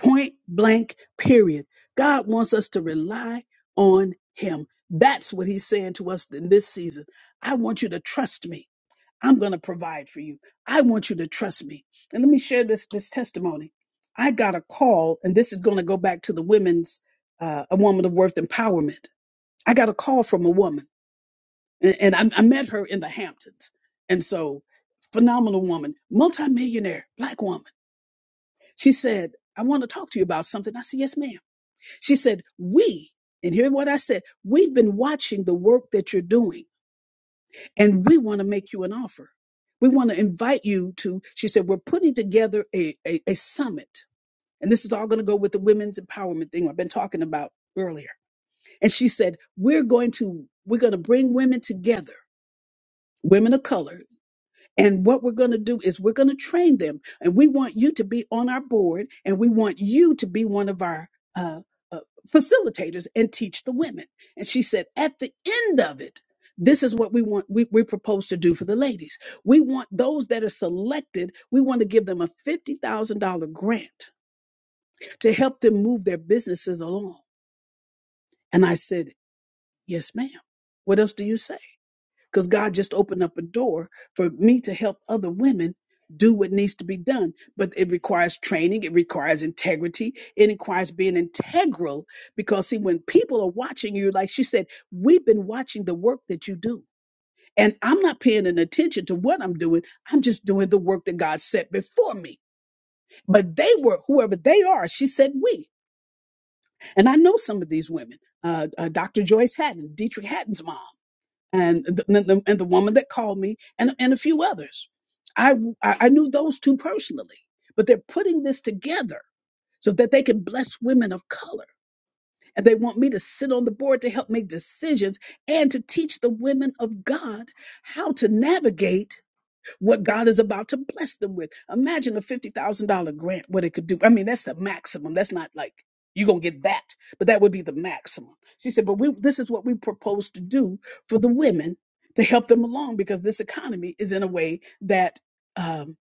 point blank period god wants us to rely on him that's what he's saying to us in this season i want you to trust me i'm going to provide for you i want you to trust me and let me share this this testimony i got a call and this is going to go back to the women's uh, a woman of worth empowerment i got a call from a woman and, and I, I met her in the hamptons and so phenomenal woman multimillionaire black woman she said i want to talk to you about something i said yes ma'am she said, We, and hear what I said, we've been watching the work that you're doing, and we want to make you an offer. We want to invite you to, she said, we're putting together a, a, a summit. And this is all going to go with the women's empowerment thing I've been talking about earlier. And she said, We're going to, we're going to bring women together, women of color and what we're going to do is we're going to train them. And we want you to be on our board and we want you to be one of our uh, uh, facilitators and teach the women. And she said, at the end of it, this is what we want, we, we propose to do for the ladies. We want those that are selected, we want to give them a $50,000 grant to help them move their businesses along. And I said, yes, ma'am. What else do you say? because God just opened up a door for me to help other women do what needs to be done. But it requires training, it requires integrity, it requires being integral. Because, see, when people are watching you, like she said, we've been watching the work that you do. And I'm not paying an attention to what I'm doing. I'm just doing the work that God set before me. But they were, whoever they are, she said we. And I know some of these women, uh, uh, Dr. Joyce Hatton, Dietrich Hatton's mom and the, and the, and the woman that called me and, and a few others. I, I I knew those two personally, but they're putting this together so that they can bless women of color. And they want me to sit on the board to help make decisions and to teach the women of God how to navigate what God is about to bless them with. Imagine a $50,000 grant, what it could do. I mean, that's the maximum. That's not like you're going to get that, but that would be the maximum. She said, but we, this is what we propose to do for the women to help them along because this economy is in a way that, um,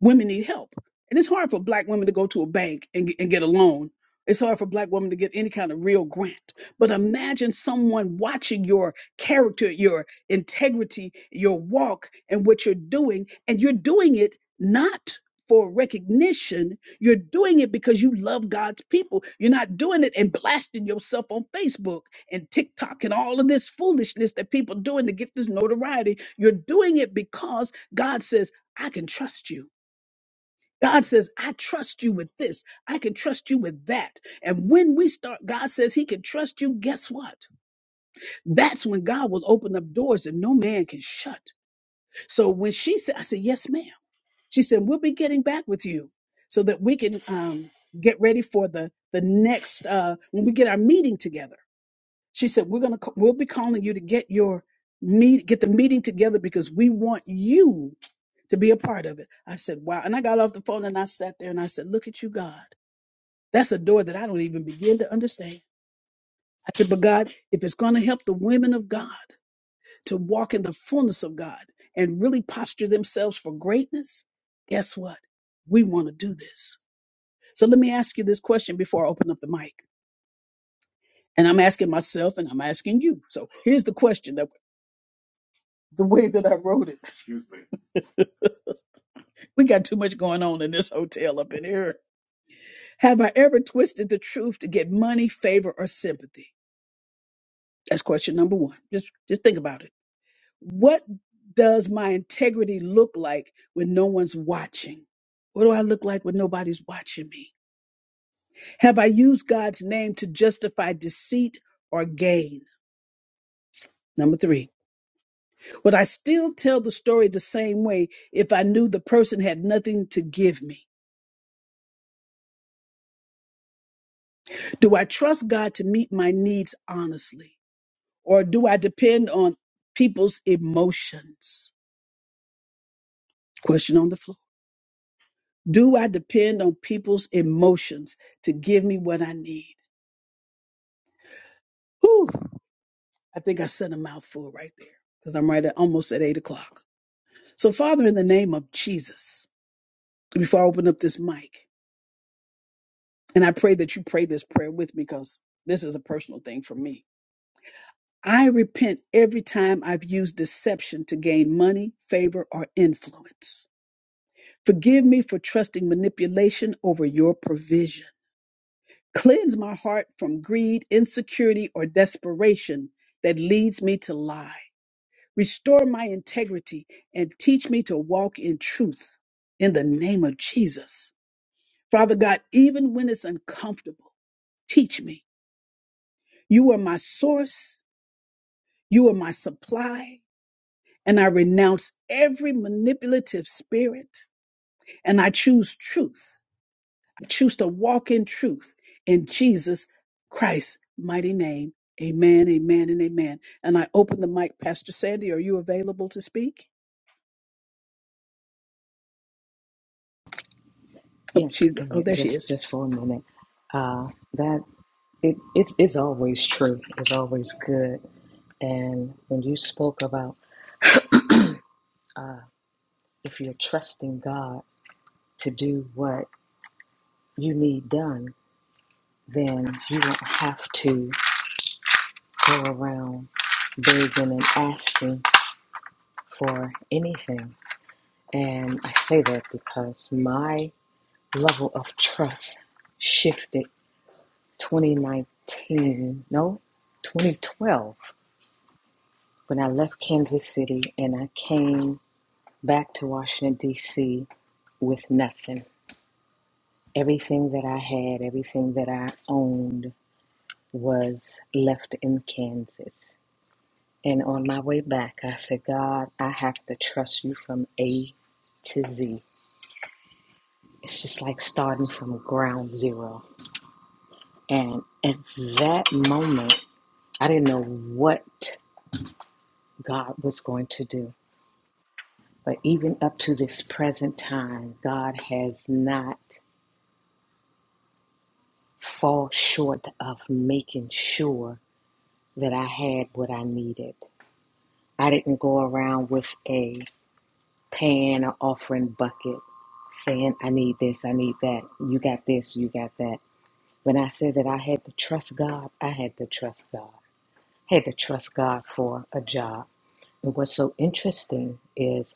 women need help. And it's hard for black women to go to a bank and, get- and get a loan. It's hard for black women to get any kind of real grant. But imagine someone watching your character, your integrity, your walk, and what you're doing. And you're doing it not for recognition. You're doing it because you love God's people. You're not doing it and blasting yourself on Facebook and TikTok and all of this foolishness that people doing to get this notoriety. You're doing it because God says, I can trust you. God says, I trust you with this. I can trust you with that. And when we start, God says he can trust you. Guess what? That's when God will open up doors that no man can shut. So when she said, I said, yes, ma'am. She said, we'll be getting back with you so that we can um, get ready for the, the next, uh, when we get our meeting together. She said, we're going to, we'll be calling you to get your meet, get the meeting together because we want you to be a part of it. I said, wow. And I got off the phone and I sat there and I said, look at you, God. That's a door that I don't even begin to understand. I said, but God, if it's going to help the women of God to walk in the fullness of God and really posture themselves for greatness, guess what? We want to do this. So let me ask you this question before I open up the mic. And I'm asking myself and I'm asking you. So here's the question that the way that I wrote it. We got too much going on in this hotel up in here. Have I ever twisted the truth to get money, favor, or sympathy? That's question number one. Just just think about it. What does my integrity look like when no one's watching? What do I look like when nobody's watching me? Have I used God's name to justify deceit or gain? Number three, would I still tell the story the same way if I knew the person had nothing to give me? Do I trust God to meet my needs honestly? Or do I depend on people's emotions? Question on the floor. Do I depend on people's emotions to give me what I need? Whew, I think I said a mouthful right there because I'm right at almost at eight o'clock. So, Father, in the name of Jesus, before I open up this mic, and I pray that you pray this prayer with me because this is a personal thing for me. I repent every time I've used deception to gain money, favor, or influence. Forgive me for trusting manipulation over your provision. Cleanse my heart from greed, insecurity, or desperation that leads me to lie. Restore my integrity and teach me to walk in truth in the name of Jesus. Father God, even when it's uncomfortable, teach me. You are my source, you are my supply, and I renounce every manipulative spirit and I choose truth. I choose to walk in truth in Jesus Christ's mighty name. Amen, amen, and amen. And I open the mic, Pastor Sandy. Are you available to speak? Oh, Yeah, she's go oh, ahead. there she is. Just just for a minute. Uh, that it it's it's always true. It's always good. And when you spoke about uh, if you're trusting God to do what you need done, then you don't have to go around begging and asking for anything. And I say that because my level of trust shifted 2019, no, 2012 When I left Kansas City and I came back to Washington, D.C. with nothing, everything that I had, everything that I owned was left in Kansas. And on my way back, I said, God, I have to trust you from A to Z. It's just like starting from ground zero. And at that moment, I didn't know what God was going to do. But even up to this present time, God has not fall short of making sure that I had what I needed. I didn't go around with a pan or offering bucket saying, I need this, I need that, you got this, you got that. When I said that I had to trust God, I had to trust God. I had to trust God for a job. And what's so interesting is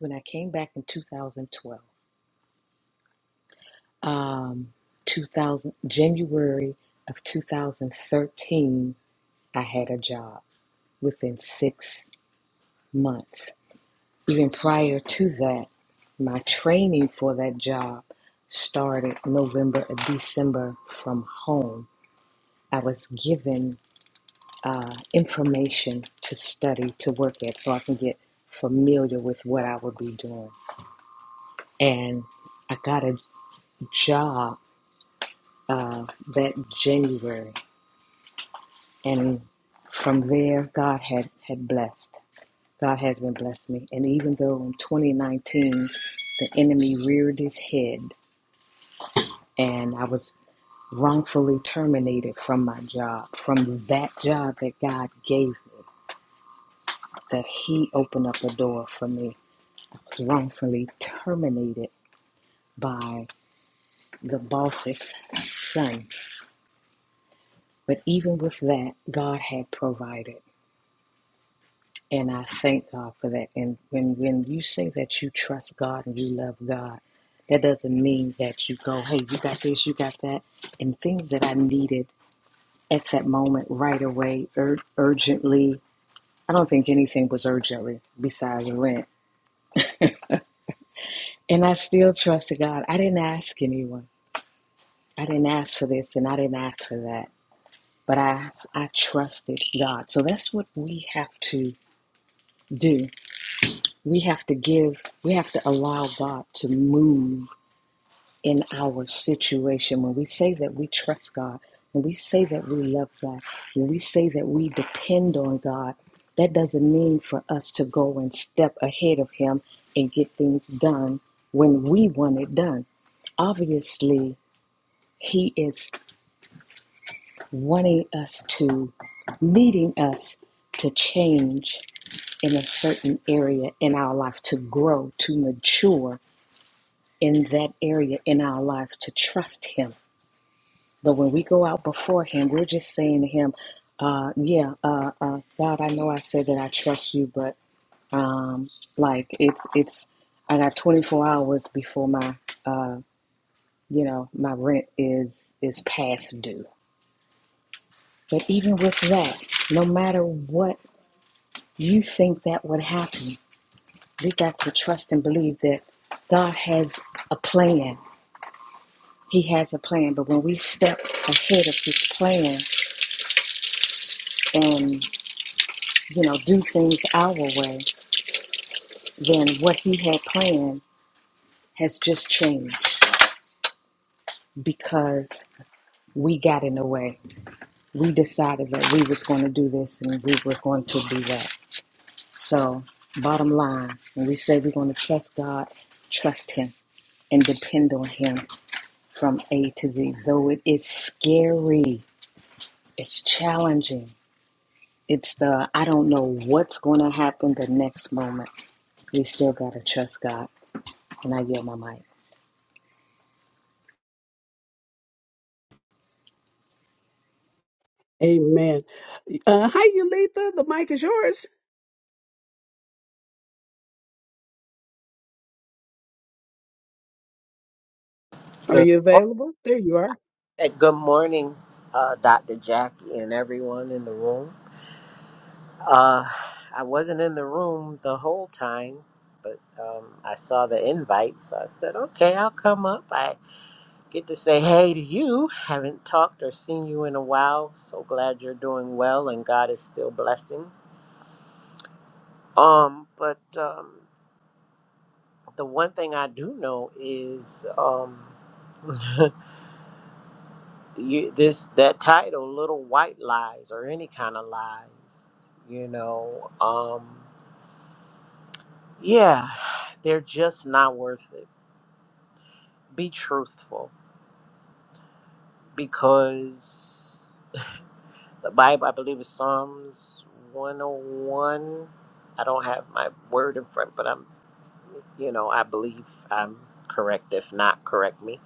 when I came back in 2012, um, 2000, January of 2013, I had a job. within six months. Even prior to that, my training for that job started November or December from home. I was given uh, information to study to work at so I can get familiar with what I would be doing. And I got a job uh, that January. And from there, God had, had blessed. God has been blessing me. And even though in 2019 the enemy reared his head and I was wrongfully terminated from my job, from that job that God gave me, that he opened up a door for me. I was wrongfully terminated by the boss's son. But even with that, God had provided. And I thank God for that. And when, when you say that you trust God and you love God, that doesn't mean that you go, hey, you got this, you got that. And things that I needed at that moment right away, ur- urgently. I don't think anything was urgently besides rent. And I still trusted God. I didn't ask anyone. I didn't ask for this and I didn't ask for that. But I, I trusted God. So that's what we have to do. We have to give, we have to allow God to move in our situation, when we say that we trust God, when we say that we love God, when we say that we depend on God, that doesn't mean for us to go and step ahead of Him and get things done when we want it done. Obviously, He is wanting us to, leading us to change in a certain area in our life, to grow, to mature in that area in our life, to trust Him But when we go out before Him, we're just saying to Him, uh, "Yeah, uh, uh, God, I know I said that I trust You, but um, like it's it's I got 24 hours before my uh, you know my rent is is past due." But even with that, no matter what you think that would happen, we got to trust and believe that God has a plan. He has a plan. But when we step ahead of His plan and you know, do things our way, then what he had planned has just changed because we got in the way. We decided that we was going to do this and we were going to do that. So, bottom line, when we say we're going to trust God, trust him and depend on him from A to Z. Though it is scary, it's challenging. It's the I don't know what's going to happen the next moment. We still got to trust God. And I yield my mic. Amen. Uh, hi, Yulitha. The mic is yours. Are Good, you mor- available? There you are. eh, good morning, uh, Dr. Jackie, and everyone in the room. Uh, I wasn't in the room the whole time, but um, I saw the invite, so I said, okay, I'll come up. I get to say hey to you. Haven't talked or seen you in a while. So glad you're doing well and God is still blessing. Um, but um, the one thing I do know is. Um, you, this that title little white lies or any kind of lies you know um yeah they're just not worth it be truthful because the bible i believe is psalms 101 i don't have my word in front but i'm you know i believe i'm correct if not correct me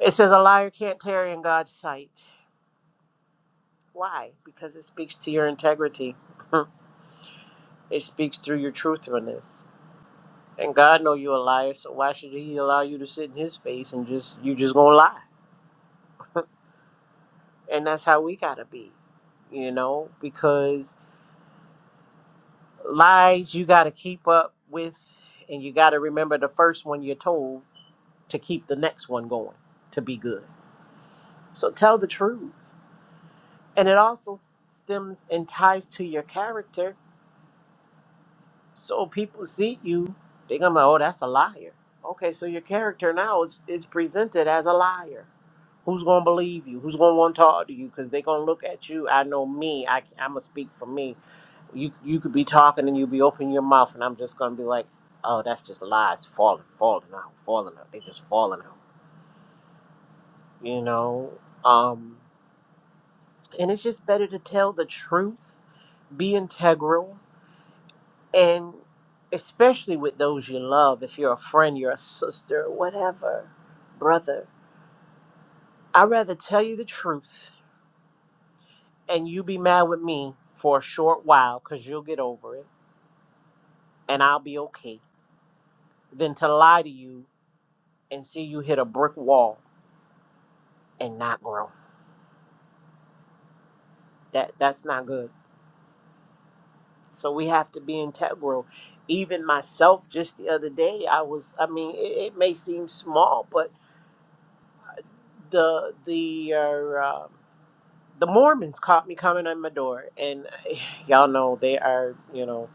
it says a liar can't tarry in god's sight why because it speaks to your integrity it speaks through your truthfulness And God know you're a liar, so why should He allow you to sit in His face and just you just gonna lie? And that's how we gotta be, you know, because lies you gotta keep up with, and you gotta remember the first one you're told to keep the next one going to be good. So tell the truth, and it also stems and ties to your character So people see you, they come like, oh, that's a liar. Okay, so your character now is, is presented as a liar. Who's gonna believe you? Who's gonna want to talk to you? Because they gonna look at you. I know me. I I'ma speak for me. You you could be talking and you be opening your mouth, and I'm just gonna be like, oh, that's just lies, falling, falling out, falling out. They just falling out. You know. Um, and it's just better to tell the truth. Be integral and especially with those you love if you're a friend you're a sister whatever brother i'd rather tell you the truth and you be mad with me for a short while because you'll get over it and i'll be okay than to lie to you and see you hit a brick wall and not grow that that's not good so we have to be integral even myself just the other day i was i mean it, it may seem small but the the uh, uh, the Mormons caught me coming on my door, and y'all know they are, you know.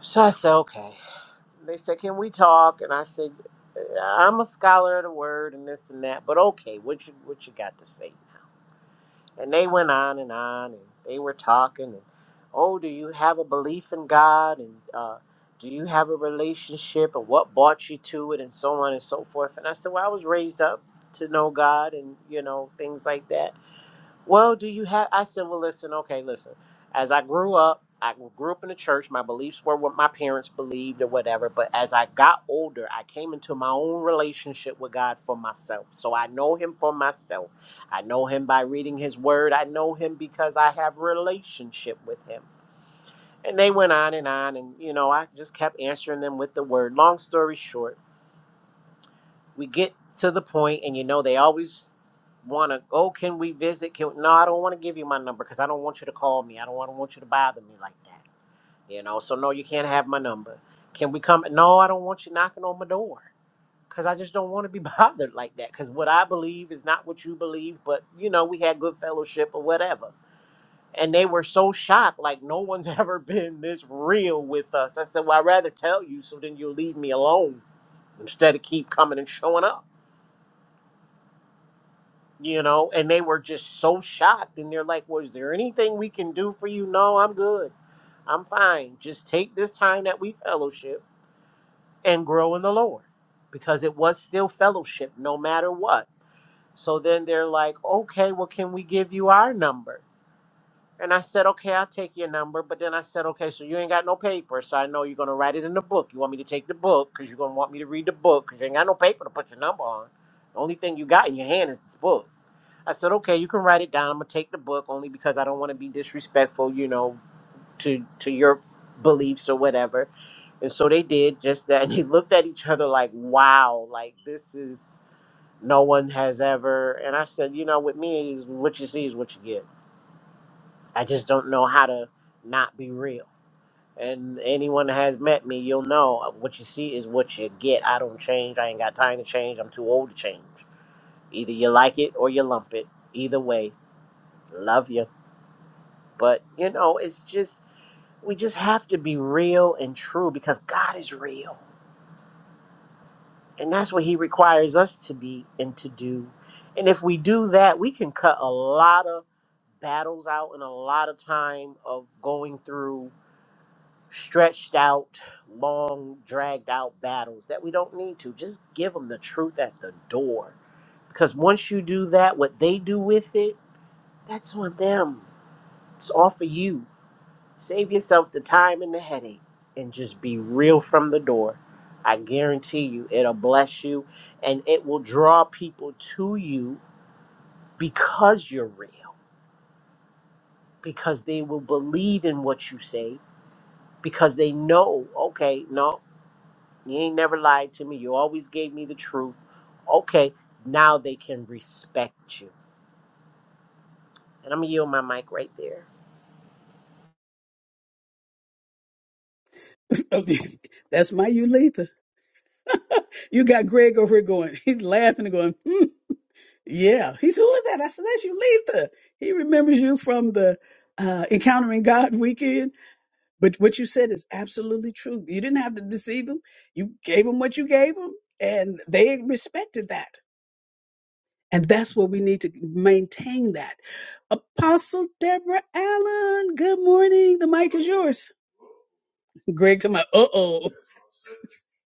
So I said, okay. They said, can we talk? And I said, "Uh, I'm a scholar of the word and this and that, but okay, what you what you got to say now? And they went on and on, and they were talking, and oh, do you have a belief in God? And uh, do you have a relationship? And what brought you to it? And so on and so forth. And I said, well, I was raised up to know God, and you know things like that. Well, do you have? I said, well, listen, okay, listen. As I grew up, I grew up in the church. My beliefs were what my parents believed or whatever. But as I got older, I came into my own relationship with God for myself. So I know Him for myself. I know Him by reading His Word. I know Him because I have relationship with Him. And they went on and on, and you know, I just kept answering them with the Word. Long story short we get to the point and you know they always want to oh can we visit can no i don't want to give you my number because i don't want you to call me i don't want to want you to bother me like that you know so no you can't have my number can we come no i don't want you knocking on my door because i just don't want to be bothered like that because what i believe is not what you believe but you know we had good fellowship or whatever and they were so shocked like no one's ever been this real with us i said well i'd rather tell you so then you'll leave me alone instead of keep coming and showing up you know, and they were just so shocked. And they're like, "Was there anything we can do for you?" No, I'm good. I'm fine. Just take this time that we fellowship and grow in the Lord, because it was still fellowship, no matter what. So then they're like, "Okay, well, can we give you our number?" And I said, "Okay, I'll take your number." But then I said, "Okay, so you ain't got no paper, so I know you're gonna write it in the book. You want me to take the book because you're gonna want me to read the book because you ain't got no paper to put your number on. The only thing you got in your hand is this book." I said, okay, you can write it down. I'm gonna take the book only because I don't want to be disrespectful, you know, to to your beliefs or whatever. And so they did just that. And they looked at each other like, wow, like this is no one has ever. And I said, you know, with me is what you see is what you get. I just don't know how to not be real. And anyone that has met me, you'll know uh, what you see is what you get. I don't change. I ain't got time to change. I'm too old to change. Either you like it or you lump it. Either way, love you. But, you know, it's just, we just have to be real and true because God is real. And that's what He requires us to be and to do. And if we do that, we can cut a lot of battles out and a lot of time of going through stretched out, long, dragged out battles that we don't need to. Just give them the truth at the door. Because once you do that, what they do with it, that's on them. It's all for you Save yourself the time and the headache and just be real from the door. I guarantee you, it'll bless you and it will draw people to you because you're real, because they will believe in what you say, because they know, okay, no, you ain't never lied to me. You always gave me the truth. Okay, now they can respect you. And I'm going to yield my mic right there. That's my Yulitha. You got Greg over here going. He's laughing and going, hmm, yeah. He said, who is that? I said, that's Yulitha. He remembers you from the uh, Encountering God weekend. But what you said is absolutely true. You didn't have to deceive them. You gave them what you gave them, and they respected that. And that's what we need to maintain that. Apostle Deborah Allen, good morning. The mic is yours. Greg to my, uh oh.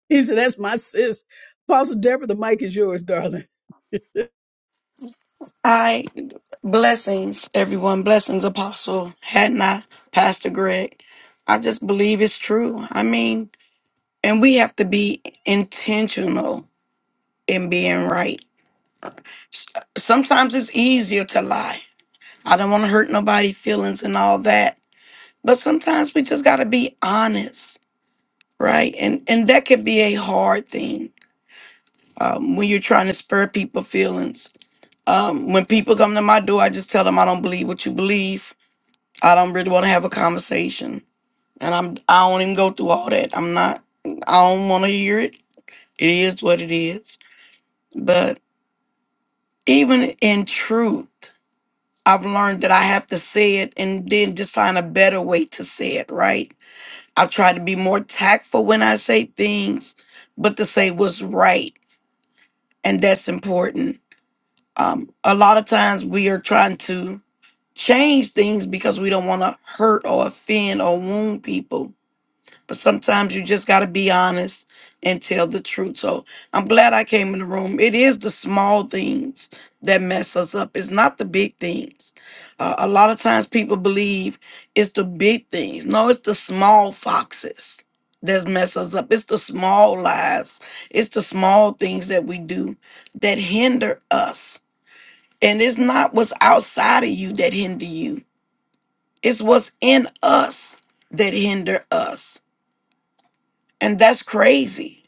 He said, that's my sis. Apostle Deborah, the mic is yours, darling. I blessings, everyone. Blessings, Apostle Hannah, Pastor Greg. I just believe it's true. I mean, and we have to be intentional in being right. Sometimes it's easier to lie. I don't want to hurt nobody's feelings and all that. But sometimes we just got to be honest, right? And and that could be a hard thing um, when you're trying to spur people feelings. Um, when people come to my door, I just tell them I don't believe what you believe I don't really want to have a conversation. And I'm I don't even go through all that. I'm not I don't want to hear it. It is what it is. But even in truth, I've learned that I have to say it and then just find a better way to say it, right? I've tried to be more tactful when I say things, but to say what's right. And that's important. Um, a lot of times we are trying to change things because we don't want to hurt or offend or wound people But sometimes you just got to be honest and tell the truth. So I'm glad I came in the room. It is the small things that mess us up, it's not the big things. Uh, a lot of times people believe it's the big things. No, it's the small foxes that mess us up. It's the small lies, it's the small things that we do that hinder us. And it's not what's outside of you that hinder you, it's what's in us that hinder us. And that's crazy.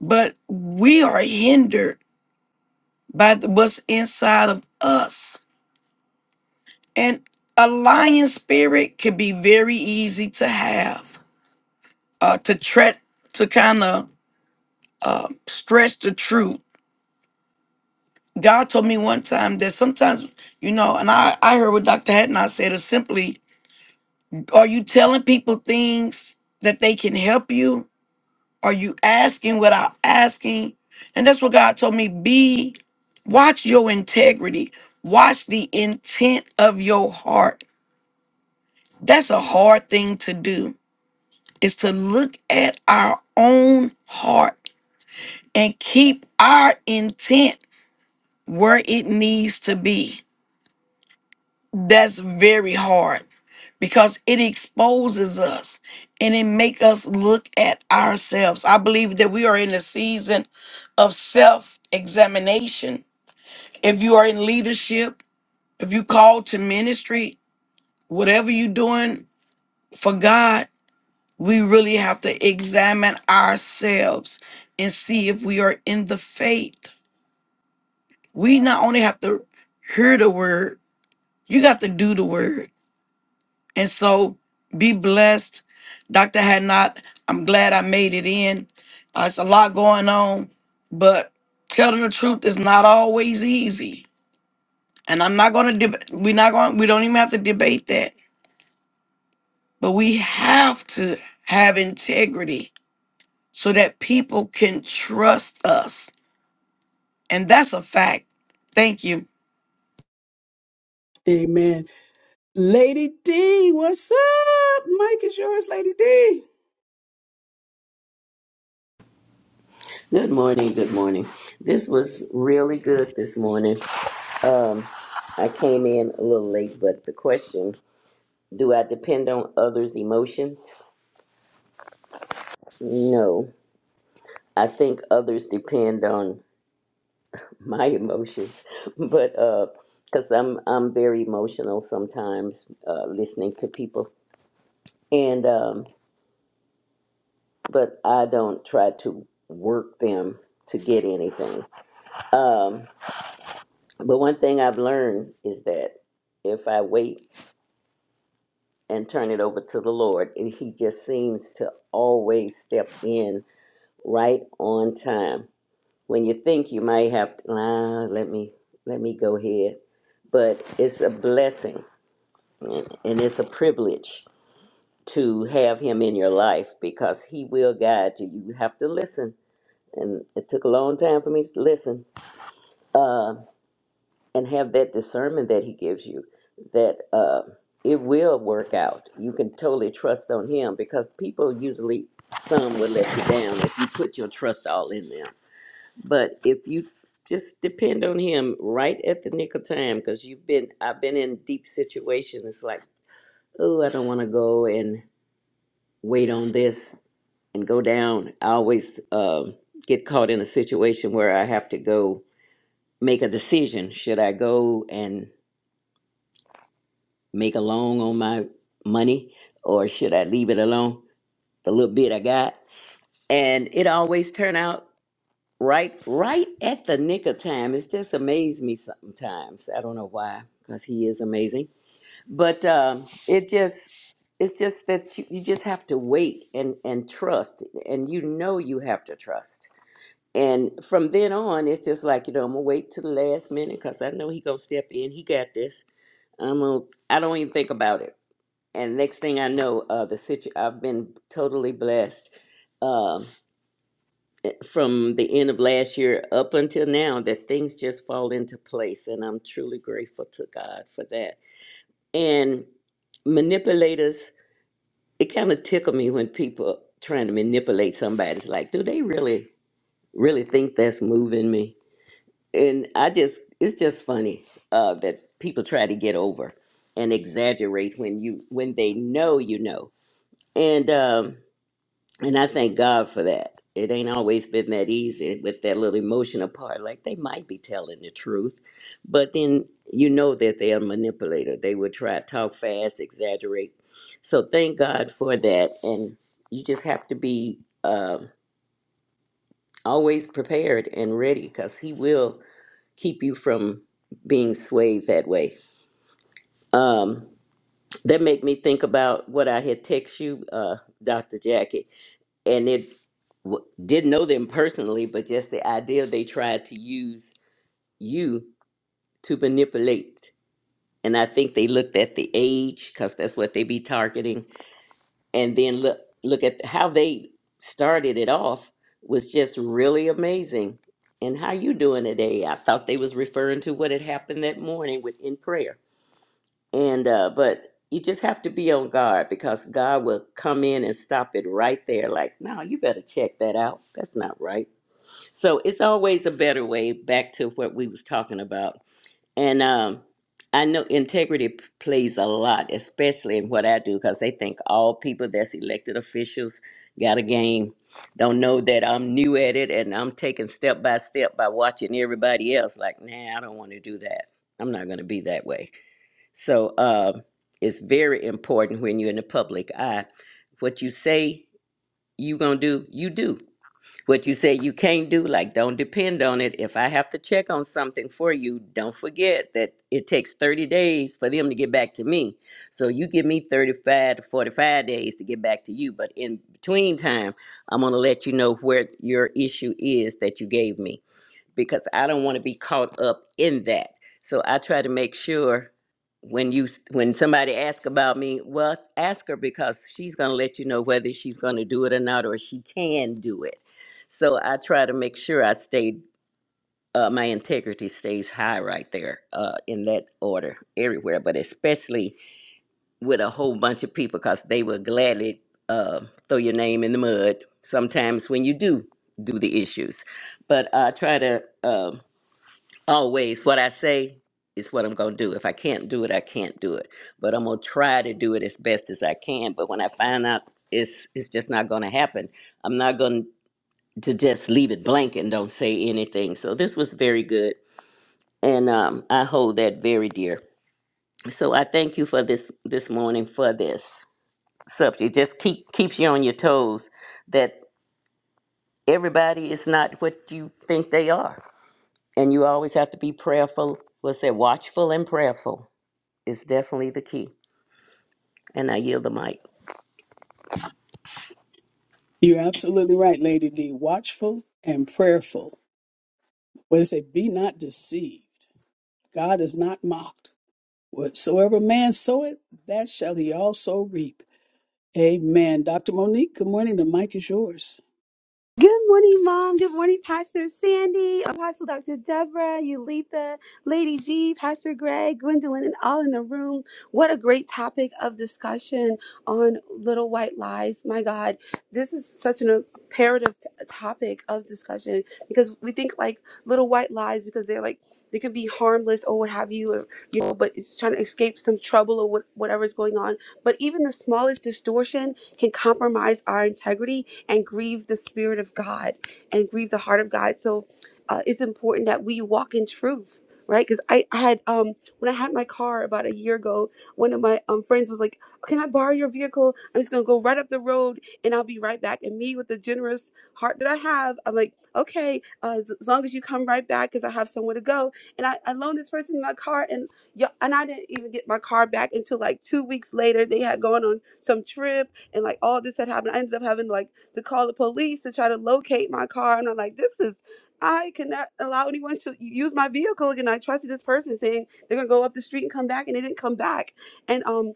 But we are hindered by the, what's inside of us. And a lion spirit can be very easy to have, uh, to tre- to kind of uh, stretch the truth. God told me one time that sometimes, you know, and I, I heard what Dr. Hatton I said is simply, are you telling people things that they can help you Are you asking without asking? And that's what God told me. Be watch your integrity. Watch the intent of your heart. That's a hard thing to do. Is to look at our own heart and keep our intent where it needs to be. That's very hard because it exposes us and it make us look at ourselves. I believe that we are in a season of self-examination. If you are in leadership, if you call to ministry, whatever you're doing for God, we really have to examine ourselves and see if we are in the faith. We not only have to hear the word, you got to do the word. And so be blessed. Dr. Hadnot, I'm glad I made it in. Uh, it's a lot going on, but telling the truth is not always easy. And I'm not going to, deb- we're not going, we don't even have to debate that. But we have to have integrity so that people can trust us. And that's a fact. Thank you. Amen. Lady D, what's up? Mic is yours, Lady D. Good morning. Good morning. This was really good this morning. Um, I came in a little late, but the question do I depend on others' emotions? No. I think others depend on my emotions, but because I'm, I'm very emotional sometimes uh, listening to people. And, um, but I don't try to work them to get anything. Um, but one thing I've learned is that if I wait and turn it over to the Lord. And He just seems to always step in right on time. When you think you might have, ah, let me let me go ahead, but it's a blessing and it's a privilege to have Him in your life because He will guide you. You have to listen, and it took a long time for me to listen. Uh, and have that discernment that he gives you that uh, it will work out you can totally trust on him because people usually some will let you down if you put your trust all in them but if you just depend on him right at the nick of time because you've been i've been in deep situations it's like oh i don't want to go and wait on this and go down i always um get caught in a situation where i have to go make a decision should i go and make a loan on my money or should I leave it alone? The little bit I got. And it always turn out right right at the nick of time. It's just amazed me sometimes. I don't know why, because he is amazing. But um, it just it's just that you, you just have to wait and, and trust and you know you have to trust. And from then on, it's just like, you know, I'm gonna wait to the last minute because I know he gonna step in. He got this. I'm gonna I don't even think about it and next thing I know, uh, the situ- I've been totally blessed um from the end of last year up until now that things just fall into place, and I'm truly grateful to God for that. And manipulators, it kind of tickle me when people trying to manipulate somebody. It's like, do they really, really think that's moving me? And I just, it's just funny uh, that people try to get over and exaggerate when you when they know you know and. um And I thank God for that. It ain't always been that easy with that little emotional part. Like they might be telling the truth, but then you know that they're a manipulator. They will try to talk fast, exaggerate. So thank God for that. And you just have to be uh, always prepared and ready because He will keep you from being swayed that way. Um, that made me think about what I had text you, uh, Dr. Jackie. and it w- didn't know them personally, but just the idea they tried to use you to manipulate. And I think they looked at the age because that's what they be targeting, and then look look at how they started it off was just really amazing. And how you doing today? I thought they was referring to what had happened that morning within prayer. And uh, but you just have to be on guard because God will come in and stop it right there. Like, no, you better check that out. That's not right So it's always a better way back to what we was talking about. And um, I know integrity p- plays a lot, especially in what I do, because they think all people that's elected officials got a game. Don't know that I'm new at it and I'm taking step by step by watching everybody else. Like, nah, I don't want to do that. I'm not going to be that way. So um, it's very important when you're in the public eye. What you say you're going to do, you do what you say you can't do, like don't depend on it. If I have to check on something for you, don't forget that it takes 30 days for them to get back to me. So you give me 35 to 45 days to get back to you. But in between time, I'm going to let you know where your issue is that you gave me because I don't want to be caught up in that. So I try to make sure when you when somebody asks about me, well, ask her because she's going to let you know whether she's going to do it or not, or she can do it. So I try to make sure I stay. Uh, my integrity stays high right there uh, in that order everywhere, but especially with a whole bunch of people because they will gladly uh, throw your name in the mud sometimes when you do do the issues. But I try to. um always what I say is what I'm going to do. If I can't do it, I can't do it. But I'm going to try to do it as best as I can. But when I find out it's it's just not going to happen, I'm not going to just leave it blank and don't say anything. So this was very good, and um, I hold that very dear. So I thank you for this this morning for this subject. Just keep keeps you on your toes that everybody is not what you think they are, and you always have to be prayerful. What's that? Watchful and prayerful is definitely the key. And I yield the mic. You're absolutely right, Lady D. Watchful and prayerful. What does it? say? Be not deceived. God is not mocked. Whatsoever man soweth, that shall he also reap. Amen. Dr. Monique, good morning. The mic is yours. Good morning, Mom. Good morning, Pastor Sandy, Apostle Dr. Deborah, Ulitha, Lady G, Pastor Greg, Gwendolyn, and all in the room. What a great topic of discussion on little white lies. My God, this is such an imperative t- topic of discussion because we think like little white lies because they're like, they could be harmless or what have you, or, you know, but it's trying to escape some trouble or what, whatever's going on. But even the smallest distortion can compromise our integrity and grieve the Spirit of God and grieve the heart of God. So uh, it's important that we walk in truth. Right, because I had um when I had my car about a year ago, one of my um friends was like, "Can I borrow your vehicle? I'm just gonna go right up the road and I'll be right back." And me, with the generous heart that I have, I'm like, "Okay, uh, as, as long as you come right back, because I have somewhere to go." And I, I loaned this person my car, and yeah, and I didn't even get my car back until like two weeks later. They had gone on some trip and like all this had happened. I ended up having like to call the police to try to locate my car, and I'm like, this is. I cannot allow anyone to use my vehicle again. I trusted this person saying they're gonna go up the street and come back, and they didn't come back. And um,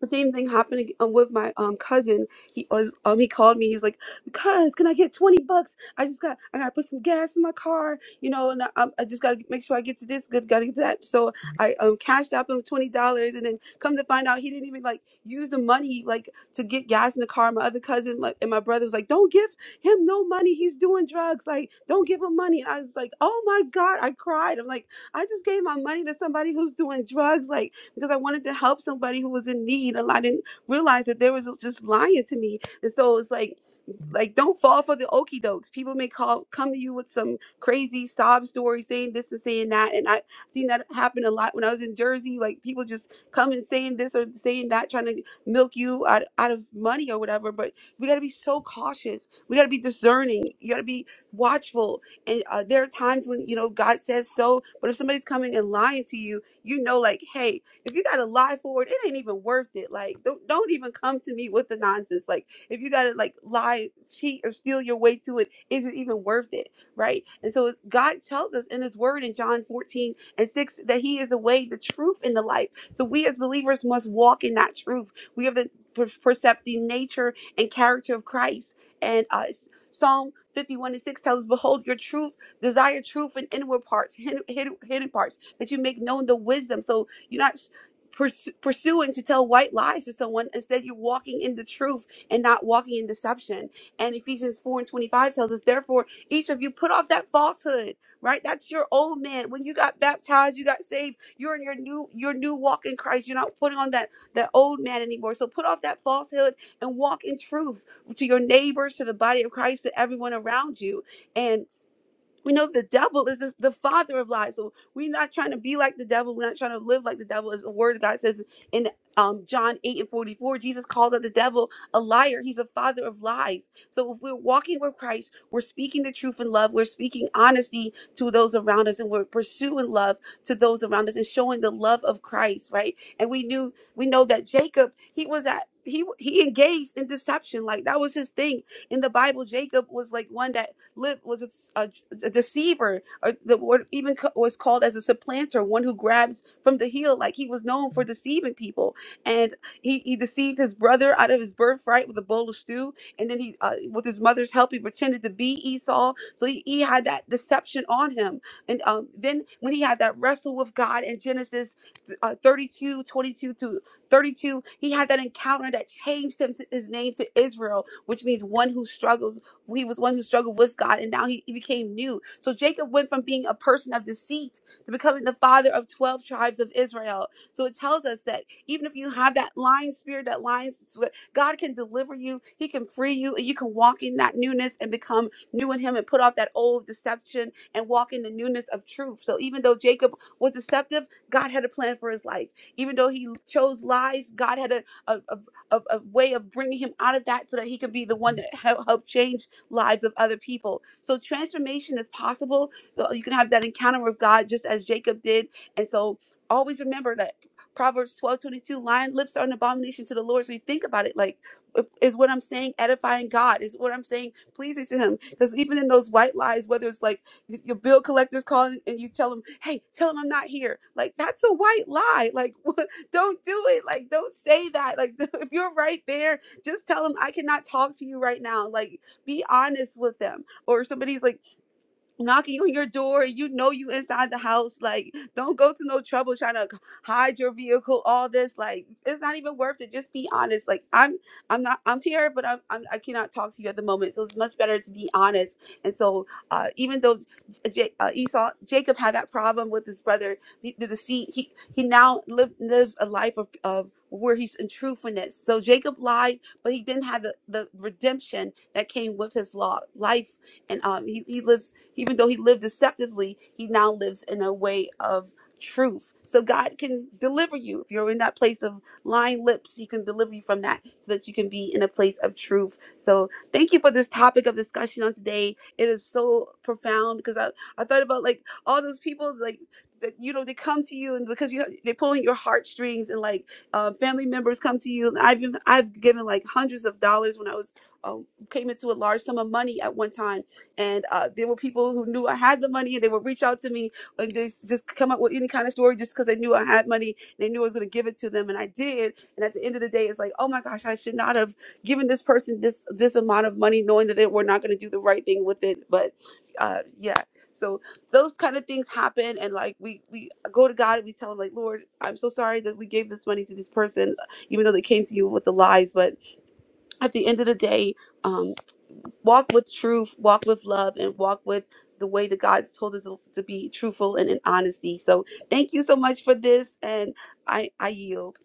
the same thing happened ag- uh, with my um cousin. He was um he called me. He's like, "Cuz, can I get twenty bucks? I just got I gotta put some gas in my car, you know, and I, um, I just gotta make sure I get to this, good, gotta get to that." So I um cashed out him twenty dollars, and then come to find out, he didn't even like use the money like to get gas in the car. My other cousin like, and my brother was like, "Don't give him no money. He's doing drugs. Like, don't give him money." And I was like, "Oh my god!" I cried. I'm like, "I just gave my money to somebody who's doing drugs. Like." because I wanted to help somebody who was in need. And I didn't realize that they were just just lying to me. And so it's like, like don't fall for the okey dokes. People may call come to you with some crazy sob stories saying this and saying that. And I seen that happen a lot when I was in Jersey. Like people just come and saying this or saying that, trying to milk you out, out of money or whatever. But we got to be so cautious. We got to be discerning. You got to be watchful. And uh, there are times when you know God says so, but if somebody's coming and lying to you, you know, like, hey. If you gotta lie for it, it ain't even worth it. Like, don't, don't even come to me with the nonsense. Like, if you gotta like lie, cheat, or steal your way to it, is it even worth it? Right? And so it's, God tells us in His Word in John 14 and 6 that He is the way, the truth, and the life. So we as believers must walk in that truth. We have to per- percept the nature and character of Christ. And uh, Psalm 51 and 6 tells us, Behold, your truth desire truth in inward parts, hidden, hidden, hidden parts, that you make known the wisdom. So you're not purs- pursuing to tell white lies to someone. Instead, you're walking in the truth and not walking in deception. And Ephesians 4 and 25 tells us, therefore, each of you put off that falsehood, right? That's your old man. When you got baptized, you got saved, you're in your new, your new walk in Christ. You're not putting on that, that old man anymore. So put off that falsehood and walk in truth to your neighbors, to the body of Christ, to everyone around you we know the devil is this, the father of lies. So we're not trying to be like the devil. We're not trying to live like the devil. As the word of God says in um, John 8 and 44, Jesus calls out the devil a liar. He's a father of lies. So if we're walking with Christ, we're speaking the truth in love. We're speaking honesty to those around us and we're pursuing love to those around us and showing the love of Christ, right? And we knew, we know that Jacob, he was at, he, he engaged in deception. Like that was his thing in the Bible. Jacob was like one that live was a, a, a deceiver, or the word even co- was called as a supplanter, one who grabs from the heel. Like he was known for deceiving people, and he, he deceived his brother out of his birthright with a bowl of stew, and then he, uh, with his mother's help, he pretended to be Esau. So he, he had that deception on him, and um, then when he had that wrestle with God in Genesis uh, 32, twenty-two to 32, he had that encounter that changed him to his name to Israel, which means one who struggles he was one who struggled with God, and now he, he became new. So Jacob went from being a person of deceit to becoming the father of 12 tribes of Israel. So it tells us that even if you have that lion spirit, that lion, spirit, God can deliver you, He can free you, and you can walk in that newness and become new in Him and put off that old deception and walk in the newness of truth. So even though Jacob was deceptive, God had a plan for his life. Even though he chose lies, God had a, a, a, a- a way of bringing him out of that so that he could be the one that helped help change lives of other people. So transformation is possible. So You can have that encounter with God just as Jacob did. And so always remember that Proverbs twelve twenty two: lion lips are an abomination to the Lord. So you think about it like, is what I'm saying edifying God? Is what I'm saying pleasing to Him? Because even in those white lies, whether it's like y- your bill collector's calling and you tell them, hey, tell them I'm not here. Like, that's a white lie. Like, don't do it. Like, don't say that. Like, if you're right there, just tell them I cannot talk to you right now. Like, be honest with them. Or somebody's like, knocking on your door you know you inside the house like don't go to no trouble trying to hide your vehicle all this like it's not even worth it just be honest like i'm i'm not i'm here but i'm, I'm i cannot talk to you at the moment so it's much better to be honest and so uh even though J- uh, esau jacob had that problem with his brother the, the deceit he he now live, lives a life of, of where he's in truthfulness so jacob lied but he didn't have the, the redemption that came with his law life and um he, he lives even though he lived deceptively, he now lives in a way of truth. So God can deliver you. If you're in that place of lying lips, he can deliver you from that so that you can be in a place of truth. So thank you for this topic of discussion on today. It is so profound because I, I thought about like all those people like that you know they come to you and because you they're pulling your heartstrings and like uh, family members come to you. And I've been, I've given like hundreds of dollars when I was um, came into a large sum of money at one time and uh, there were people who knew I had the money, and they would reach out to me and just just come up with any kind of story just because they knew I had money. They knew I was going to give it to them, and I did. And at the end of the day, it's like, oh my gosh, I should not have given this person this this amount of money, knowing that they were not going to do the right thing with it. But uh, yeah, so those kind of things happen, and like we we go to God and we tell him like, Lord, I'm so sorry that we gave this money to this person, even though they came to you with the lies, but at the end of the day, um, walk with truth, walk with love, and walk with the way that God told us to be truthful and in honesty. So thank you so much for this, and I I yield.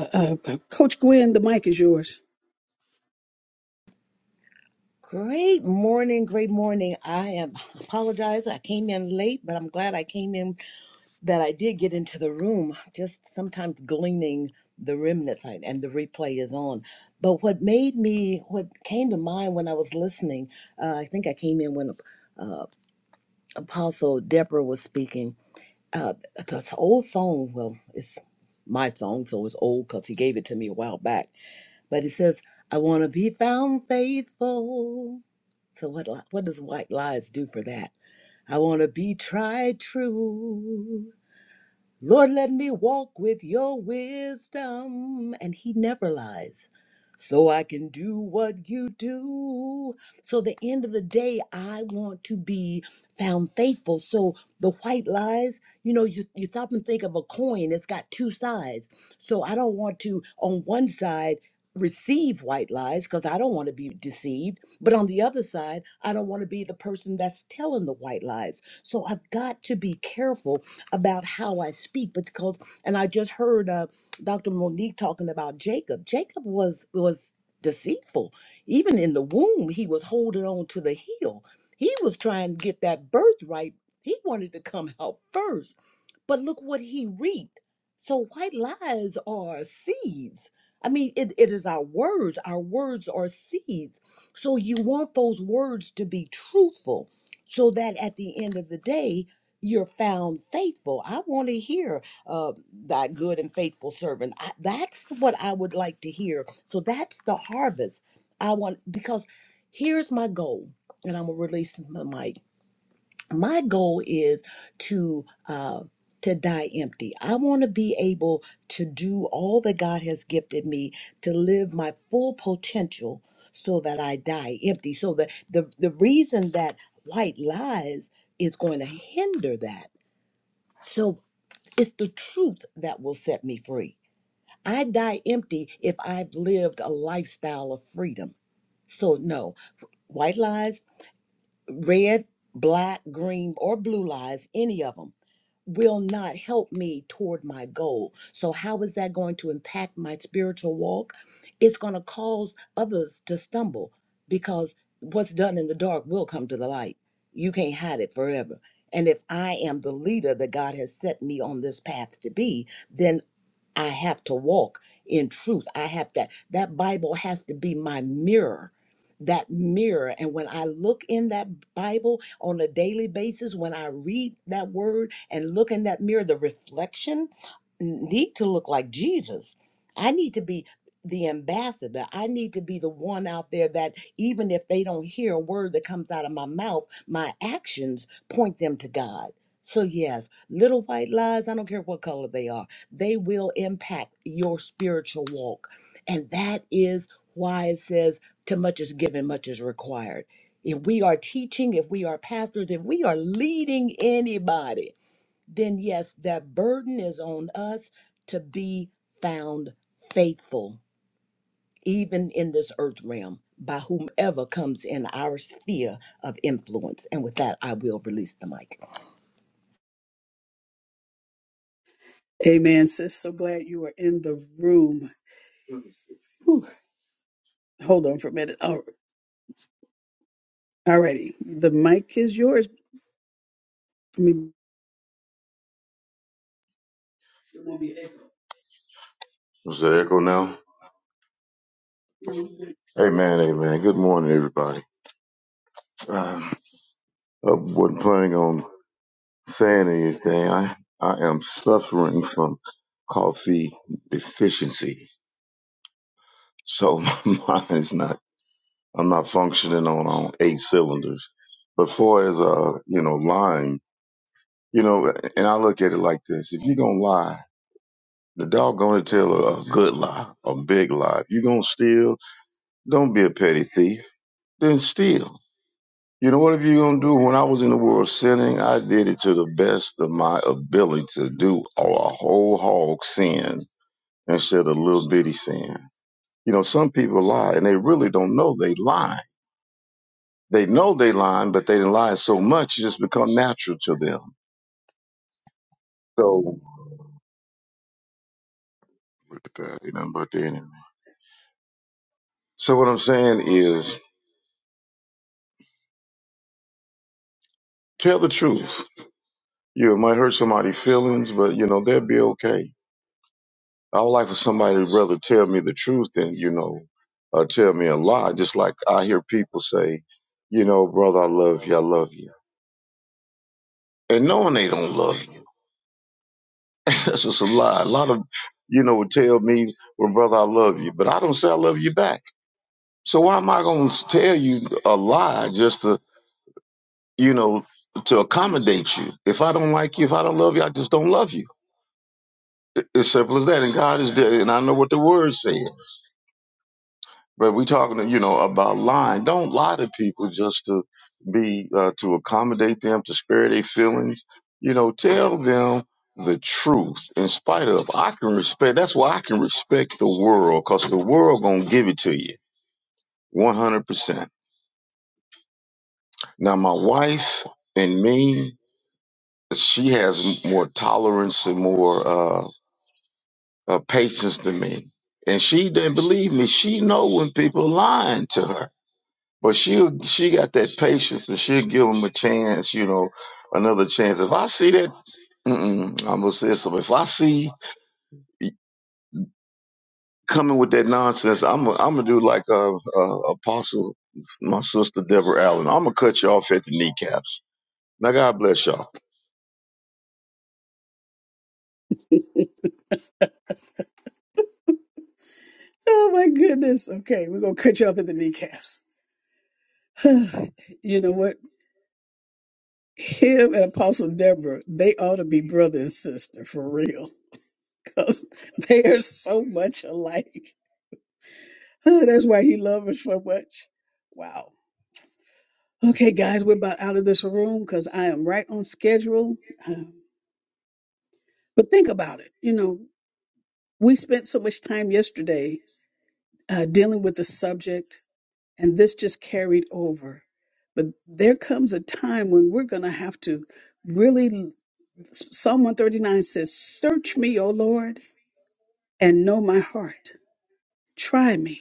Uh, uh, uh, Coach Gwen, the mic is yours. Great morning, great morning. I am apologize. I came in late, but I'm glad I came in that I did get into the room. Just sometimes gleaning the remnants I- and the replay is on. But what made me what came to mind when I was listening, uh, I think I came in when uh, Apostle Deborah was speaking. Uh, this old song, well, it's my song, so it's old because he gave it to me a while back. But it says, I want to be found faithful. So what li- what does white lies do for that? I want to be tried true. Lord, let me walk with your wisdom. And he never lies so I can do what you do. So, the end of the day, I want to be found faithful. So, the white lies, you know, you, you stop and think of a coin, it's got two sides. So, I don't want to, on one side, receive white lies because I don't want to be deceived. But on the other side, I don't want to be the person that's telling the white lies. So, I've got to be careful about how I speak because, and I just heard. uh, Dr. Monique talking about Jacob. Jacob was was deceitful. Even in the womb, he was holding on to the heel. He was trying to get that birthright. He wanted to come out first. But look what he reaped. So white lies are seeds. I mean, it, it is our words. Our words are seeds. So you want those words to be truthful so that at the end of the day, you're found faithful. I want to hear uh, thy good and faithful servant. I, that's what I would like to hear. So that's the harvest I want because here's my goal, and I'm gonna release my mic. My goal is to uh, to die empty. I want to be able to do all that God has gifted me to live my full potential, so that I die empty. So the the the reason that white lies is going to hinder that. So. It's the truth that will set me free. I die empty if I've lived a lifestyle of freedom. So, no, white lies, red, black, green, or blue lies, any of them, will not help me toward my goal. So, how is that going to impact my spiritual walk? It's going to cause others to stumble because what's done in the dark will come to the light. You can't hide it forever. And if I am the leader that God has set me on this path to be, then I have to walk in truth. I have that. That Bible has to be my mirror. That mirror. And when I look in that Bible on a daily basis, when I read that word and look in that mirror, the reflection need to look like Jesus. I need to be the ambassador. I need to be the one out there that even if they don't hear a word that comes out of my mouth, my actions point them to God. So, yes, little white lies, I don't care what color they are they will impact your spiritual walk. And that is why it says, to much is given, much is required. If we are teaching, if we are pastors, if we are leading anybody, then yes, that burden is on us to be found faithful, even in this earth realm, by whomever comes in our sphere of influence. And with that, I will release the mic. Amen, sis. So glad you are in the room. Whew. Hold on for a minute. All righty. The mic is yours. I mean, Is there echo now? Amen, amen. Good morning, everybody. Uh, I wasn't planning on saying anything. I, I am suffering from coffee deficiency. So my mind is not, I'm not functioning on, on eight cylinders. But far as, uh, you know, lying, you know, and I look at it like this. If you're going to lie, the dog going to tell a, a good lie, a big lie. If you're going to steal, don't be a petty thief. Then steal. You know, what? If you're going to do, when I was in the world sinning, I did it to the best of my ability to do a whole hog sin instead of little bitty sin. You know, some people lie and they really don't know they lie. They know they lying, but they lie so much it just become natural to them. So, look at that, ain't nothing but the enemy. So what I'm saying is, tell the truth. You know, it might hurt somebody's feelings, but you know, they'll be okay. I would like for somebody to rather tell me the truth than, you know, uh, tell me a lie. Just like I hear people say, you know, brother, I love you, I love you. And knowing they don't love you, that's just a lie. A lot of, you know, would tell me, well, brother, I love you, but I don't say I love you back. So why am I going to tell you a lie just to, you know, to accommodate you? If I don't like you, if I don't love you, I just don't love you. It- It's simple as that. And God is there. And I know what the word says. But we talking, you know, about lying. Don't lie to people just to be uh, to accommodate them, to spare their feelings. You know, tell them the truth. In spite of, I can respect. That's why I can respect the world, cause the world gonna give it to you, one hundred percent. Now, my wife and me, she has more tolerance and more uh, uh, patience than me, and she didn't believe me. She know when people lying to her But she she got that patience and she'll give him a chance, you know, another chance. If I see that, mm-mm, I'm gonna say something. If I see you coming with that nonsense, I'm gonna I'm gonna do like uh, uh, Apostle, my sister Deborah Allen. I'm gonna cut you off at the kneecaps. Now God bless y'all. oh, my goodness. Okay, we're going to cut you up in the kneecaps. you know what? him and Apostle Deborah, they ought to be brother and sister for real, because they are so much alike. Huh, That's why he loves her so much. Wow. Okay, guys, we're about out of this room because I am right on schedule. Um, but think about it. You know, we spent so much time yesterday uh, dealing with the subject, and this just carried over. But there comes a time when we're going to have to really, Psalm 139 says, Search me, O Lord and know my heart. Try me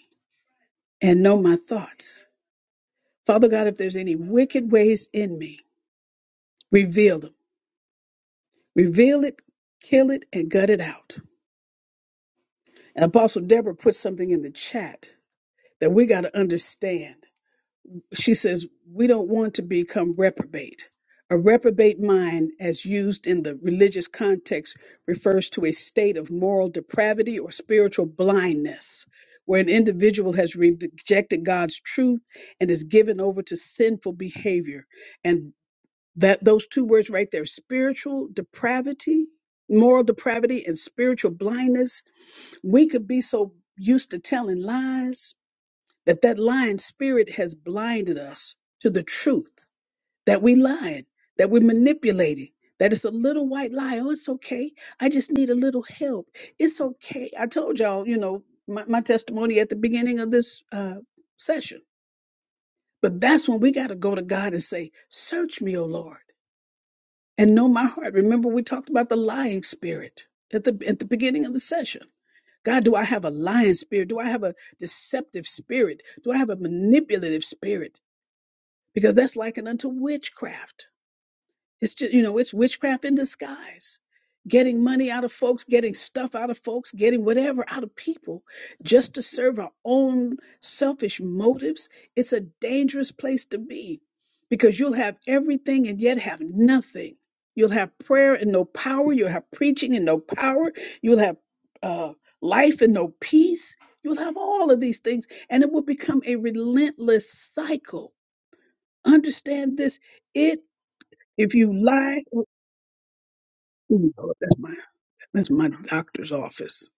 and know my thoughts. Father God, if there's any wicked ways in me, reveal them. Reveal it, kill it, and gut it out. And Apostle Deborah put something in the chat that we got to understand. she says, we don't want to become reprobate. A reprobate mind, as used in the religious context, refers to a state of moral depravity or spiritual blindness, where an individual has rejected God's truth and is given over to sinful behavior. And that those two words right there, spiritual depravity, moral depravity, and spiritual blindness, we could be so used to telling lies that that lying spirit has blinded us to the truth that we lying that we're manipulating that it's a little white lie oh it's okay i just need a little help it's okay i told y'all you know my, my testimony at the beginning of this uh, session but that's when we got to go to god and say search me o lord and know my heart remember we talked about the lying spirit at the at the beginning of the session god do i have a lying spirit do i have a deceptive spirit do i have a manipulative spirit because that's likened unto witchcraft. It's just, you know, it's witchcraft in disguise. Getting money out of folks, getting stuff out of folks, getting whatever out of people just to serve our own selfish motives. It's a dangerous place to be because you'll have everything and yet have nothing. You'll have prayer and no power. You'll have preaching and no power. You'll have uh, life and no peace. You'll have all of these things, and it will become a relentless cycle Understand this. It if you lie, oh, Lord, that's my that's my doctor's office.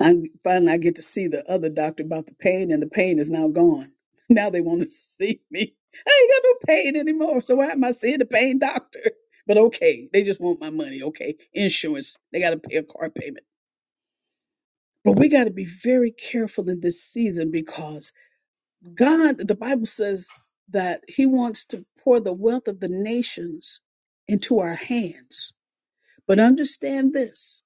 I finally I get to see the other doctor about the pain, and the pain is now gone. Now they want to see me. I ain't got no pain anymore. So why am I seeing the pain doctor? But okay, they just want my money. Okay, insurance. They got to pay a car payment. But we got to be very careful in this season because God, the Bible says that He wants to pour the wealth of the nations into our hands. But understand this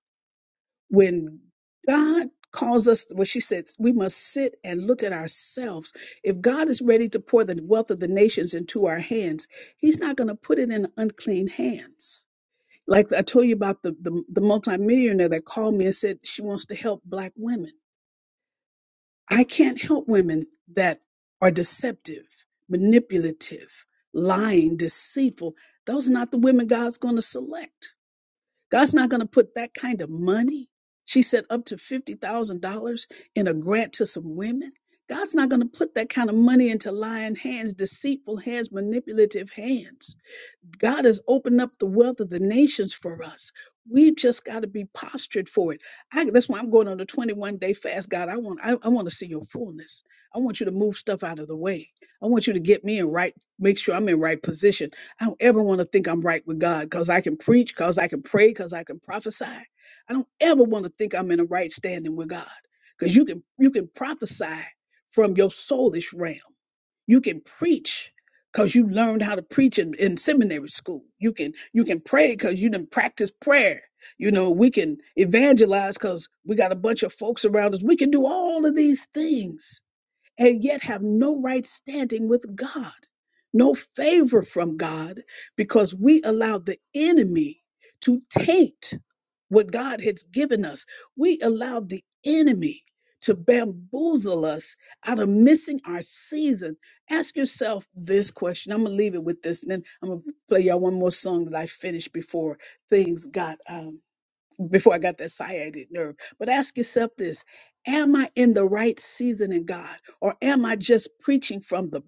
when God calls us, what she said, we must sit and look at ourselves. If God is ready to pour the wealth of the nations into our hands, He's not going to put it in unclean hands. Like I told you about the, the, the multimillionaire that called me and said she wants to help Black women. I can't help women that are deceptive, manipulative, lying, deceitful. Those are not the women God's going to select. God's not going to put that kind of money. She said up to $50,000 in a grant to some women. God's not going to put that kind of money into lying hands, deceitful hands, manipulative hands. God has opened up the wealth of the nations for us. We've just got to be postured for it. I, that's why I'm going on a 21 day fast. God, I want I, I want to see your fullness. I want you to move stuff out of the way. I want you to get me in right, make sure I'm in right position. I don't ever want to think I'm right with God because I can preach, because I can pray, because I can prophesy. I don't ever want to think I'm in a right standing with God because you can you can prophesy from your soulish realm. You can preach because you learned how to preach in, in seminary school. You can you can pray because you didn't practice prayer. You know, we can evangelize because we got a bunch of folks around us. We can do all of these things and yet have no right standing with God, no favor from God, because we allowed the enemy to taint what God has given us. We allowed the enemy to bamboozle us out of missing our season. Ask yourself this question. I'm gonna leave it with this, and then I'm gonna play y'all one more song that I finished before things got um, before I got that sciatic nerve. But ask yourself this Am I in the right season in God? Or am I just preaching from the,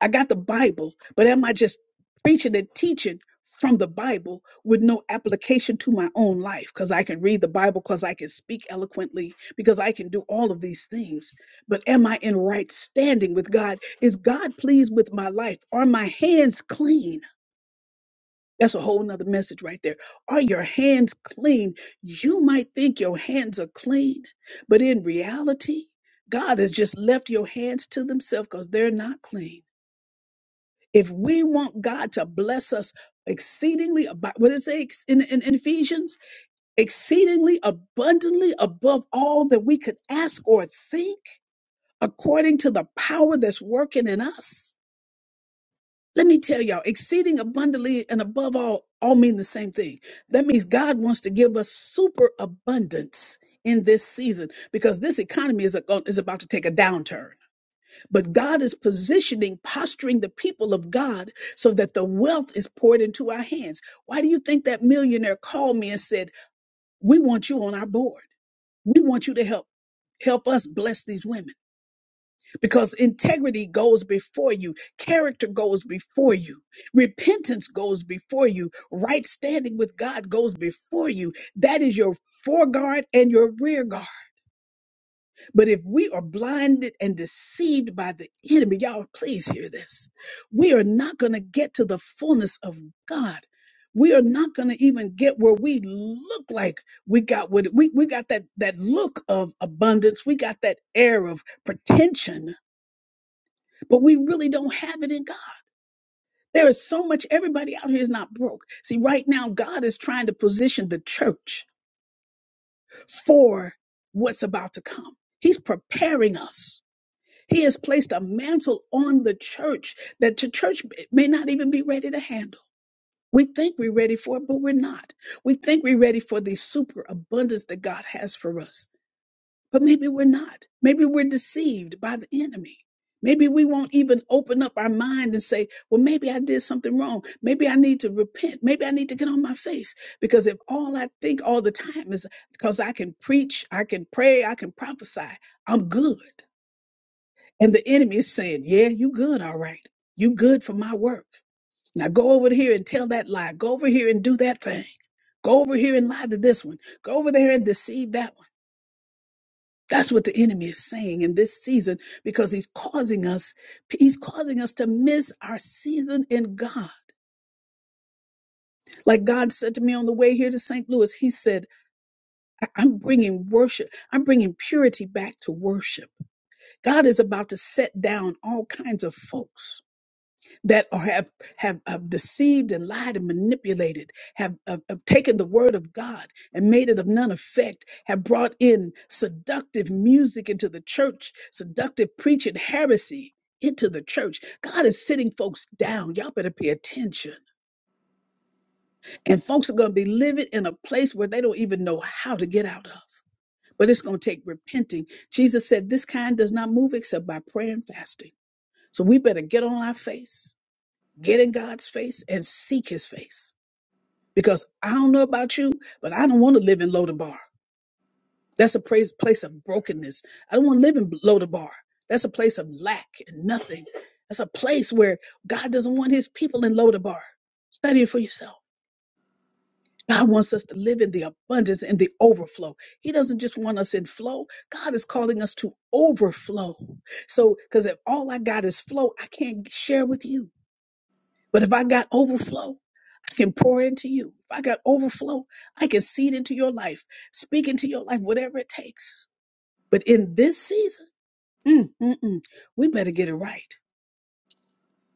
I got the Bible, but am I just preaching and teaching from the Bible with no application to my own life? Because I can read the Bible, because I can speak eloquently, because I can do all of these things. But am I in right standing with God? Is God pleased with my life? Are my hands clean? That's a whole nother message right there. Are your hands clean? You might think your hands are clean, but in reality, God has just left your hands to themselves because they're not clean. If we want God to bless us exceedingly, ab- what does it say ex- in, in, in Ephesians? Exceedingly abundantly above all that we could ask or think, according to the power that's working in us Let me tell y'all, exceeding abundantly and above all, all mean the same thing. That means God wants to give us super abundance in this season because this economy is, a, is about to take a downturn. But God is positioning, posturing the people of God so that the wealth is poured into our hands. Why do you think that millionaire called me and said, "We want you on our board. We want you to help help us bless these women." because integrity goes before you, character goes before you, repentance goes before you, right standing with God goes before you. That is your foreguard and your rear guard. But if we are blinded and deceived by the enemy, y'all, please hear this. We are not going to get to the fullness of God. We are not going to even get where we look like we got what we, we got that that look of abundance. We got that air of pretension but we really don't have it in God. There is so much, everybody out here is not broke. See, right now, God is trying to position the church for what's about to come. He's preparing us. He has placed a mantle on the church that the church may not even be ready to handle. We think we're ready for it, but we're not. We think we're ready for the super abundance that God has for us. But maybe we're not. Maybe we're deceived by the enemy. Maybe we won't even open up our mind and say, well, maybe I did something wrong. Maybe I need to repent. Maybe I need to get on my face. Because if all I think all the time is because I can preach, I can pray, I can prophesy, I'm good. And the enemy is saying, yeah, you good. All right. You good for my work. Now go over here and tell that lie. Go over here and do that thing. Go over here and lie to this one. Go over there and deceive that one. That's what the enemy is saying in this season because he's causing us, he's causing us to miss our season in God. Like God said to me on the way here to St. Louis, He said, "I- I'm bringing worship. I'm bringing purity back to worship. God is about to set down all kinds of folks that are- have, have have deceived and lied and manipulated, have, have, have taken the word of God and made it of none effect, have brought in seductive music into the church, seductive preaching, heresy into the church. God is sitting folks down. Y'all better pay attention. And folks are going to be living in a place where they don't even know how to get out of. But it's going to take repenting. Jesus said, This kind does not move except by prayer and fasting. So we better get on our face Get in God's face and seek his face. Because I don't know about you, but I don't want to live in Lodabar. That's a praise, place of brokenness. I don't want to live in Lodabar. That's a place of lack and nothing. That's a place where God doesn't want his people in Lodabar. Study it for yourself. God wants us to live in the abundance and the overflow. He doesn't just want us in flow. God is calling us to overflow. So, because if all I got is flow, I can't share with you. But if I got overflow, I can pour into you. If I got overflow, I can seed into your life, speak into your life, whatever it takes. But in this season, mm, mm, mm, we better get it right.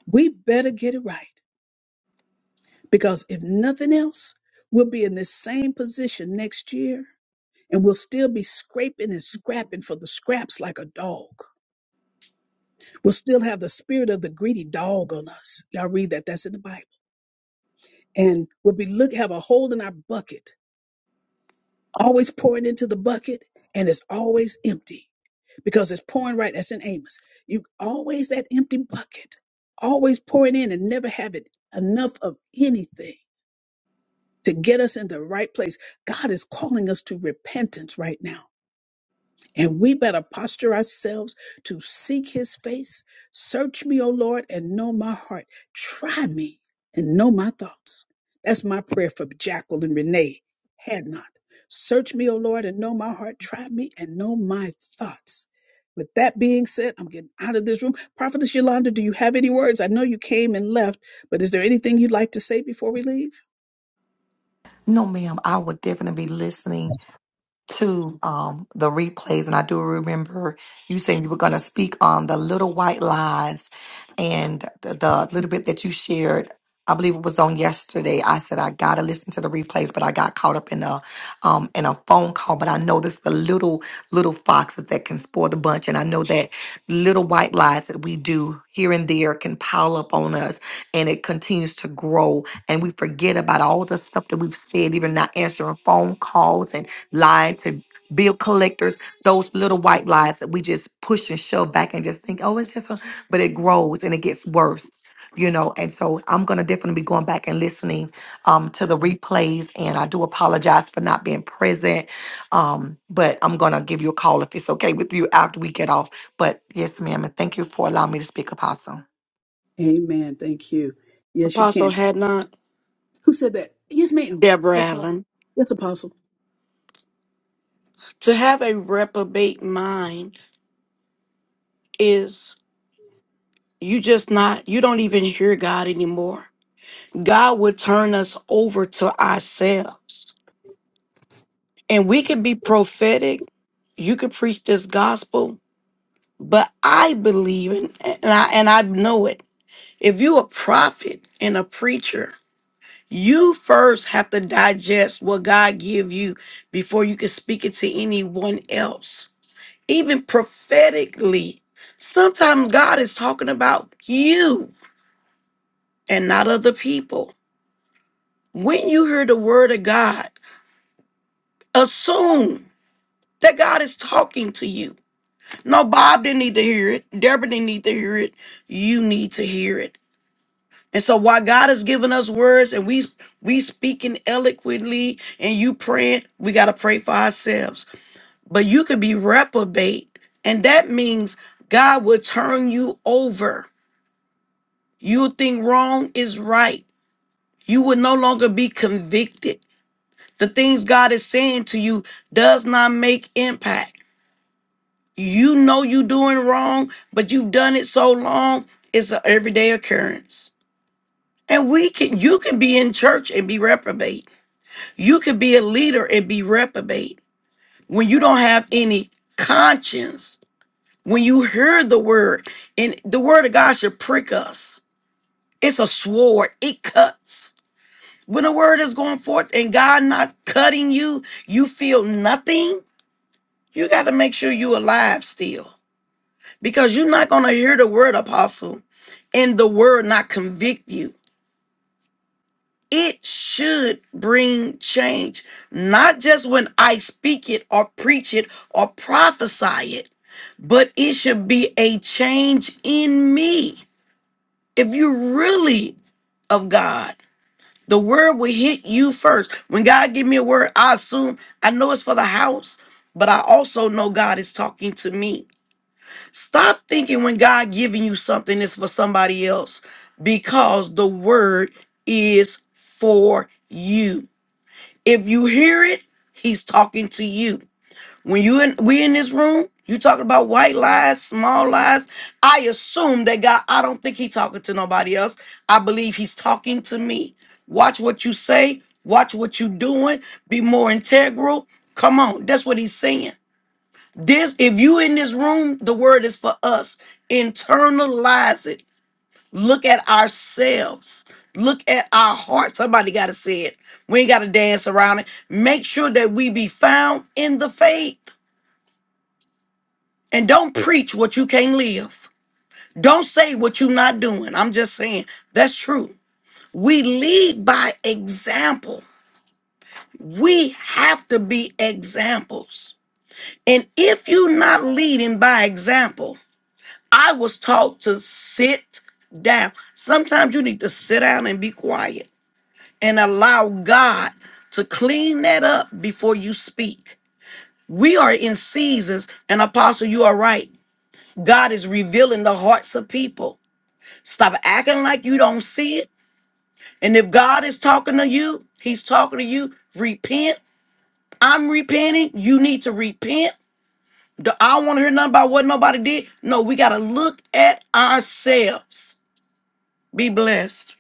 We better get it right. Because if nothing else, we'll be in this same position next year and we'll still be scraping and scrapping for the scraps like a dog. We'll still have the spirit of the greedy dog on us. Y'all read that. That's in the Bible. And we'll be look have a hole in our bucket always pouring into the bucket and it's always empty because it's pouring right that's in amos you always that empty bucket always pouring in and never having enough of anything to get us in the right place god is calling us to repentance right now and we better posture ourselves to seek his face. Search me, O Lord, and know my heart. Try me and know my thoughts. That's my prayer for Jackal and Renee had not. Search me, O Lord, and know my heart. Try me and know my thoughts. With that being said, I'm getting out of this room. Prophetess Yolanda, do you have any words? I know you came and left but is there anything you'd like to say before we leave? No, ma'am. I would definitely be listening to um, the replays, and I do remember you saying you were going to speak on the little white lies and the, the little bit that you shared. I believe it was on yesterday. I said I gotta listen to the replays, but I got caught up in a um, in a phone call. But I know this the little little foxes that can spoil the bunch, and I know that little white lies that we do here and there can pile up on us, and it continues to grow, and we forget about all the stuff that we've said, even not answering phone calls and lie to bill collectors, those little white lies that we just push and shove back and just think, oh, it's just, a-" but it grows and it gets worse, you know. And so I'm going to definitely be going back and listening um, to the replays. And I do apologize for not being present, um, but I'm going to give you a call if it's okay with you after we get off. But yes, ma'am. And thank you for allowing me to speak, Apostle. Amen. Thank you. Yes, you Apostle can had not, Who said that? Yes, ma'am. Deborah Yes, apostle. Allen. Yes, apostle. To have a reprobate mind is You just not, you don't even hear God anymore. God would turn us over to ourselves. And we can be prophetic. You can preach this gospel, but I believe in and I and I know it. If you a prophet and a preacher, you first have to digest what God give you before you can speak it to anyone else. Even prophetically, sometimes God is talking about you and not other people. When you hear the word of God, assume that God is talking to you. No, Bob didn't need to hear it. Deborah didn't need to hear it. You need to hear it. And so while God has given us words and we we speaking eloquently and you praying, we gotta pray for ourselves. But you could be reprobate, and that means God will turn you over. You think wrong is right. You will no longer be convicted The things God is saying to you does not make impact. You know you're doing wrong, but you've done it so long, it's an everyday occurrence. And we can you can be in church and be reprobate. You could be a leader and be reprobate when you don't have any conscience. When you hear the word, and the word of God should prick us. It's a sword, it cuts. When the word is going forth and God not cutting you, you feel nothing You got to make sure you alive still because you're not going to hear the word apostle and the word not convict you. It should bring change, not just when I speak it or preach it or prophesy it, but it should be a change in me. If you really of God, the word will hit you first. When God give me a word, I assume I know it's for the house, but I also know God is talking to me. Stop thinking when God giving you something it's for somebody else because the word is for you. If you hear it, he's talking to you. When you in we in this room, you talking about white lies, small lies. I assume that God, I don't think he talking to nobody else. I believe he's talking to me. Watch what you say, watch what you doing, be more integral. Come on, that's what he's saying. This, if you in this room, the word is for us. Internalize it. Look at ourselves. Look at our heart. Somebody gotta say it. We ain't gotta dance around it. Make sure that we be found in the faith. And don't preach what you can't live. Don't say what you're not doing. I'm just saying that's true. We lead by example. We have to be examples. And if you're not leading by example, I was taught to sit down. Sometimes you need to sit down and be quiet and allow God to clean that up before you speak. We are in seasons, and Apostle, you are right. God is revealing the hearts of people. Stop acting like you don't see it. And if God is talking to you, He's talking to you. Repent. I'm repenting. You need to repent. Do- I don't want to hear nothing about what nobody did. No, we got to look at ourselves. Be blessed.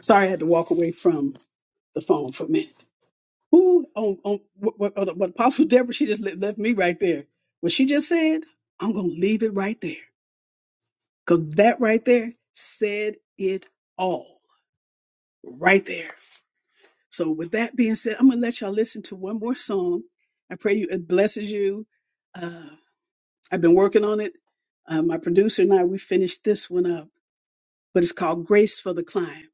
Sorry, I had to walk away from the phone for a minute. Ooh, on, on what, what, what what Apostle Deborah, she just le- left me right there. What she just said, I'm going to leave it right there. Because that right there said it all right there. So, with that being said, I'm going to let y'all listen to one more song. I pray you, it blesses you. Uh, I've been working on it. Uh, my producer and I, we finished this one up, but it's called Grace for the Climb.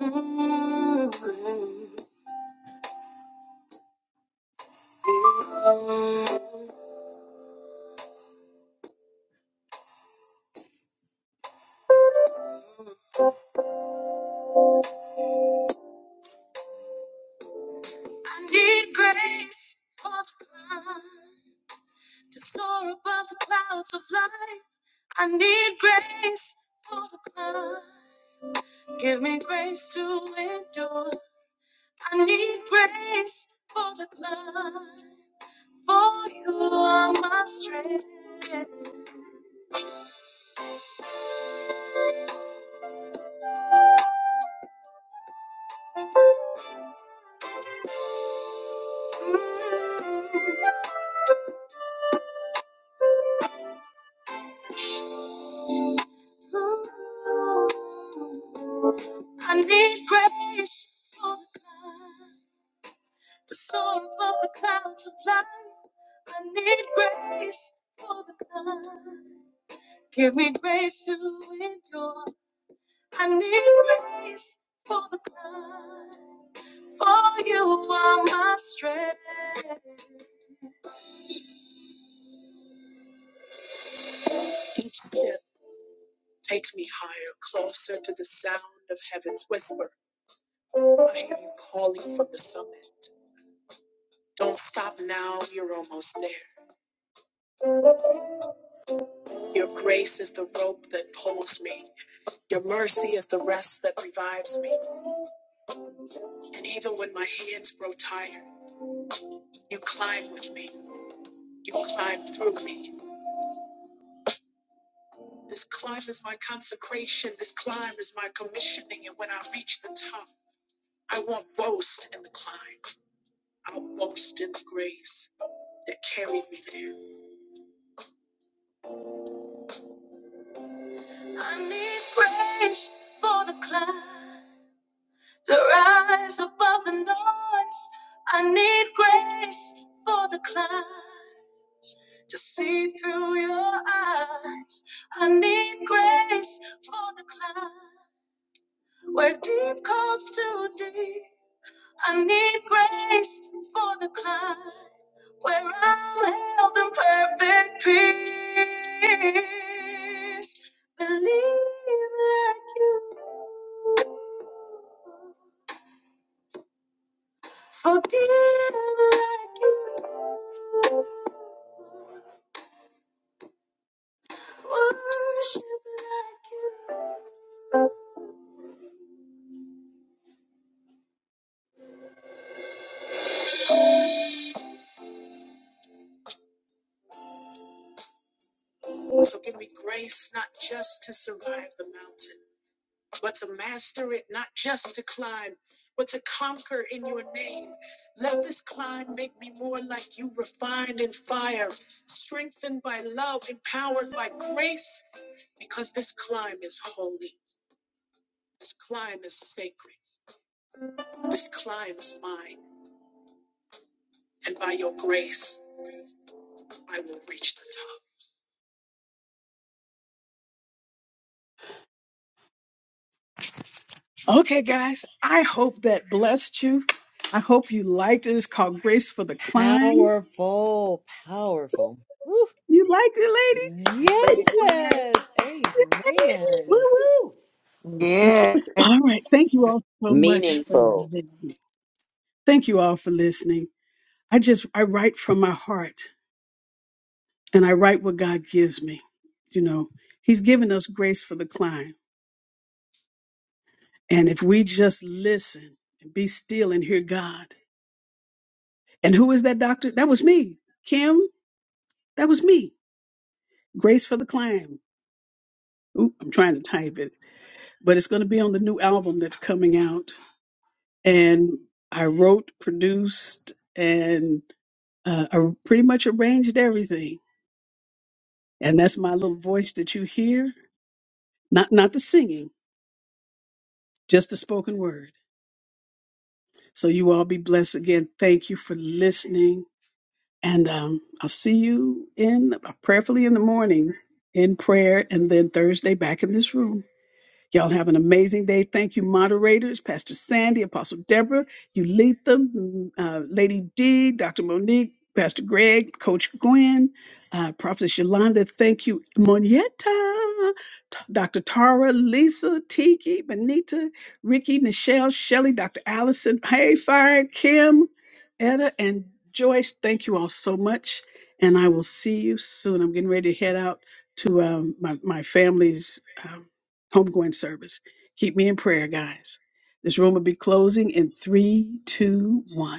I need grace for the climb to soar above the clouds of life. I need grace for the climb. Give me grace to endure. I need grace for the climb. For you are my strength. Mm. I need grace for the cloud, to soar above the clouds of life. I need grace for the cloud. Give me grace to endure. I need grace for the cloud. For you are my strength. I need grace for the climb. to rise above the noise. I need grace for the climb to see through your eyes. I need grace for the climb where deep calls to deep. I need grace for the climb where I'm held in perfect peace. Believe like you. So did I do worship like you. Okay, guys, I hope that blessed you. I hope you liked it. It's called Grace for the Climb. Powerful, powerful. Woo. You liked it, lady? Lady Gwen. Yes. Woo Amen. woo! Yeah. All right. Thank you all so much for Meaningful. listening. Thank you all for listening. I just, I write from my heart and I write what God gives me. You know, He's given us grace for the climb. And if we just listen and be still and hear God. And who is that doctor? That was me. Kim, that was me. Grace for the Climb. Oop, I'm trying to type it, but it's going to be on the new album that's coming out. And I wrote, produced, and uh, I pretty much arranged everything. And that's my little voice that you hear, not not the singing, just the spoken word. So you all be blessed again. Thank you for listening And um, I'll see you in prayerfully in the morning in prayer, and then Thursday back in this room. Y'all have an amazing day. Thank you, moderators, Pastor Sandy, Apostle Deborah, Ulitha, mm, uh, Lady D, Dr. Monique, Pastor Greg, Coach Gwen, uh, Prophetess Yolanda. Thank you, Monietta, T- Dr. Tara, Lisa, Tiki, Benita, Ricky, Nichelle, Shelley, Dr. Allison, Hey Fire, Kim, Etta, and Joyce. Thank you all so much. And I will see you soon. I'm getting ready to head out to um, my, my family's. um, homegoing service. Keep me in prayer, guys. This room will be closing in three, two, one.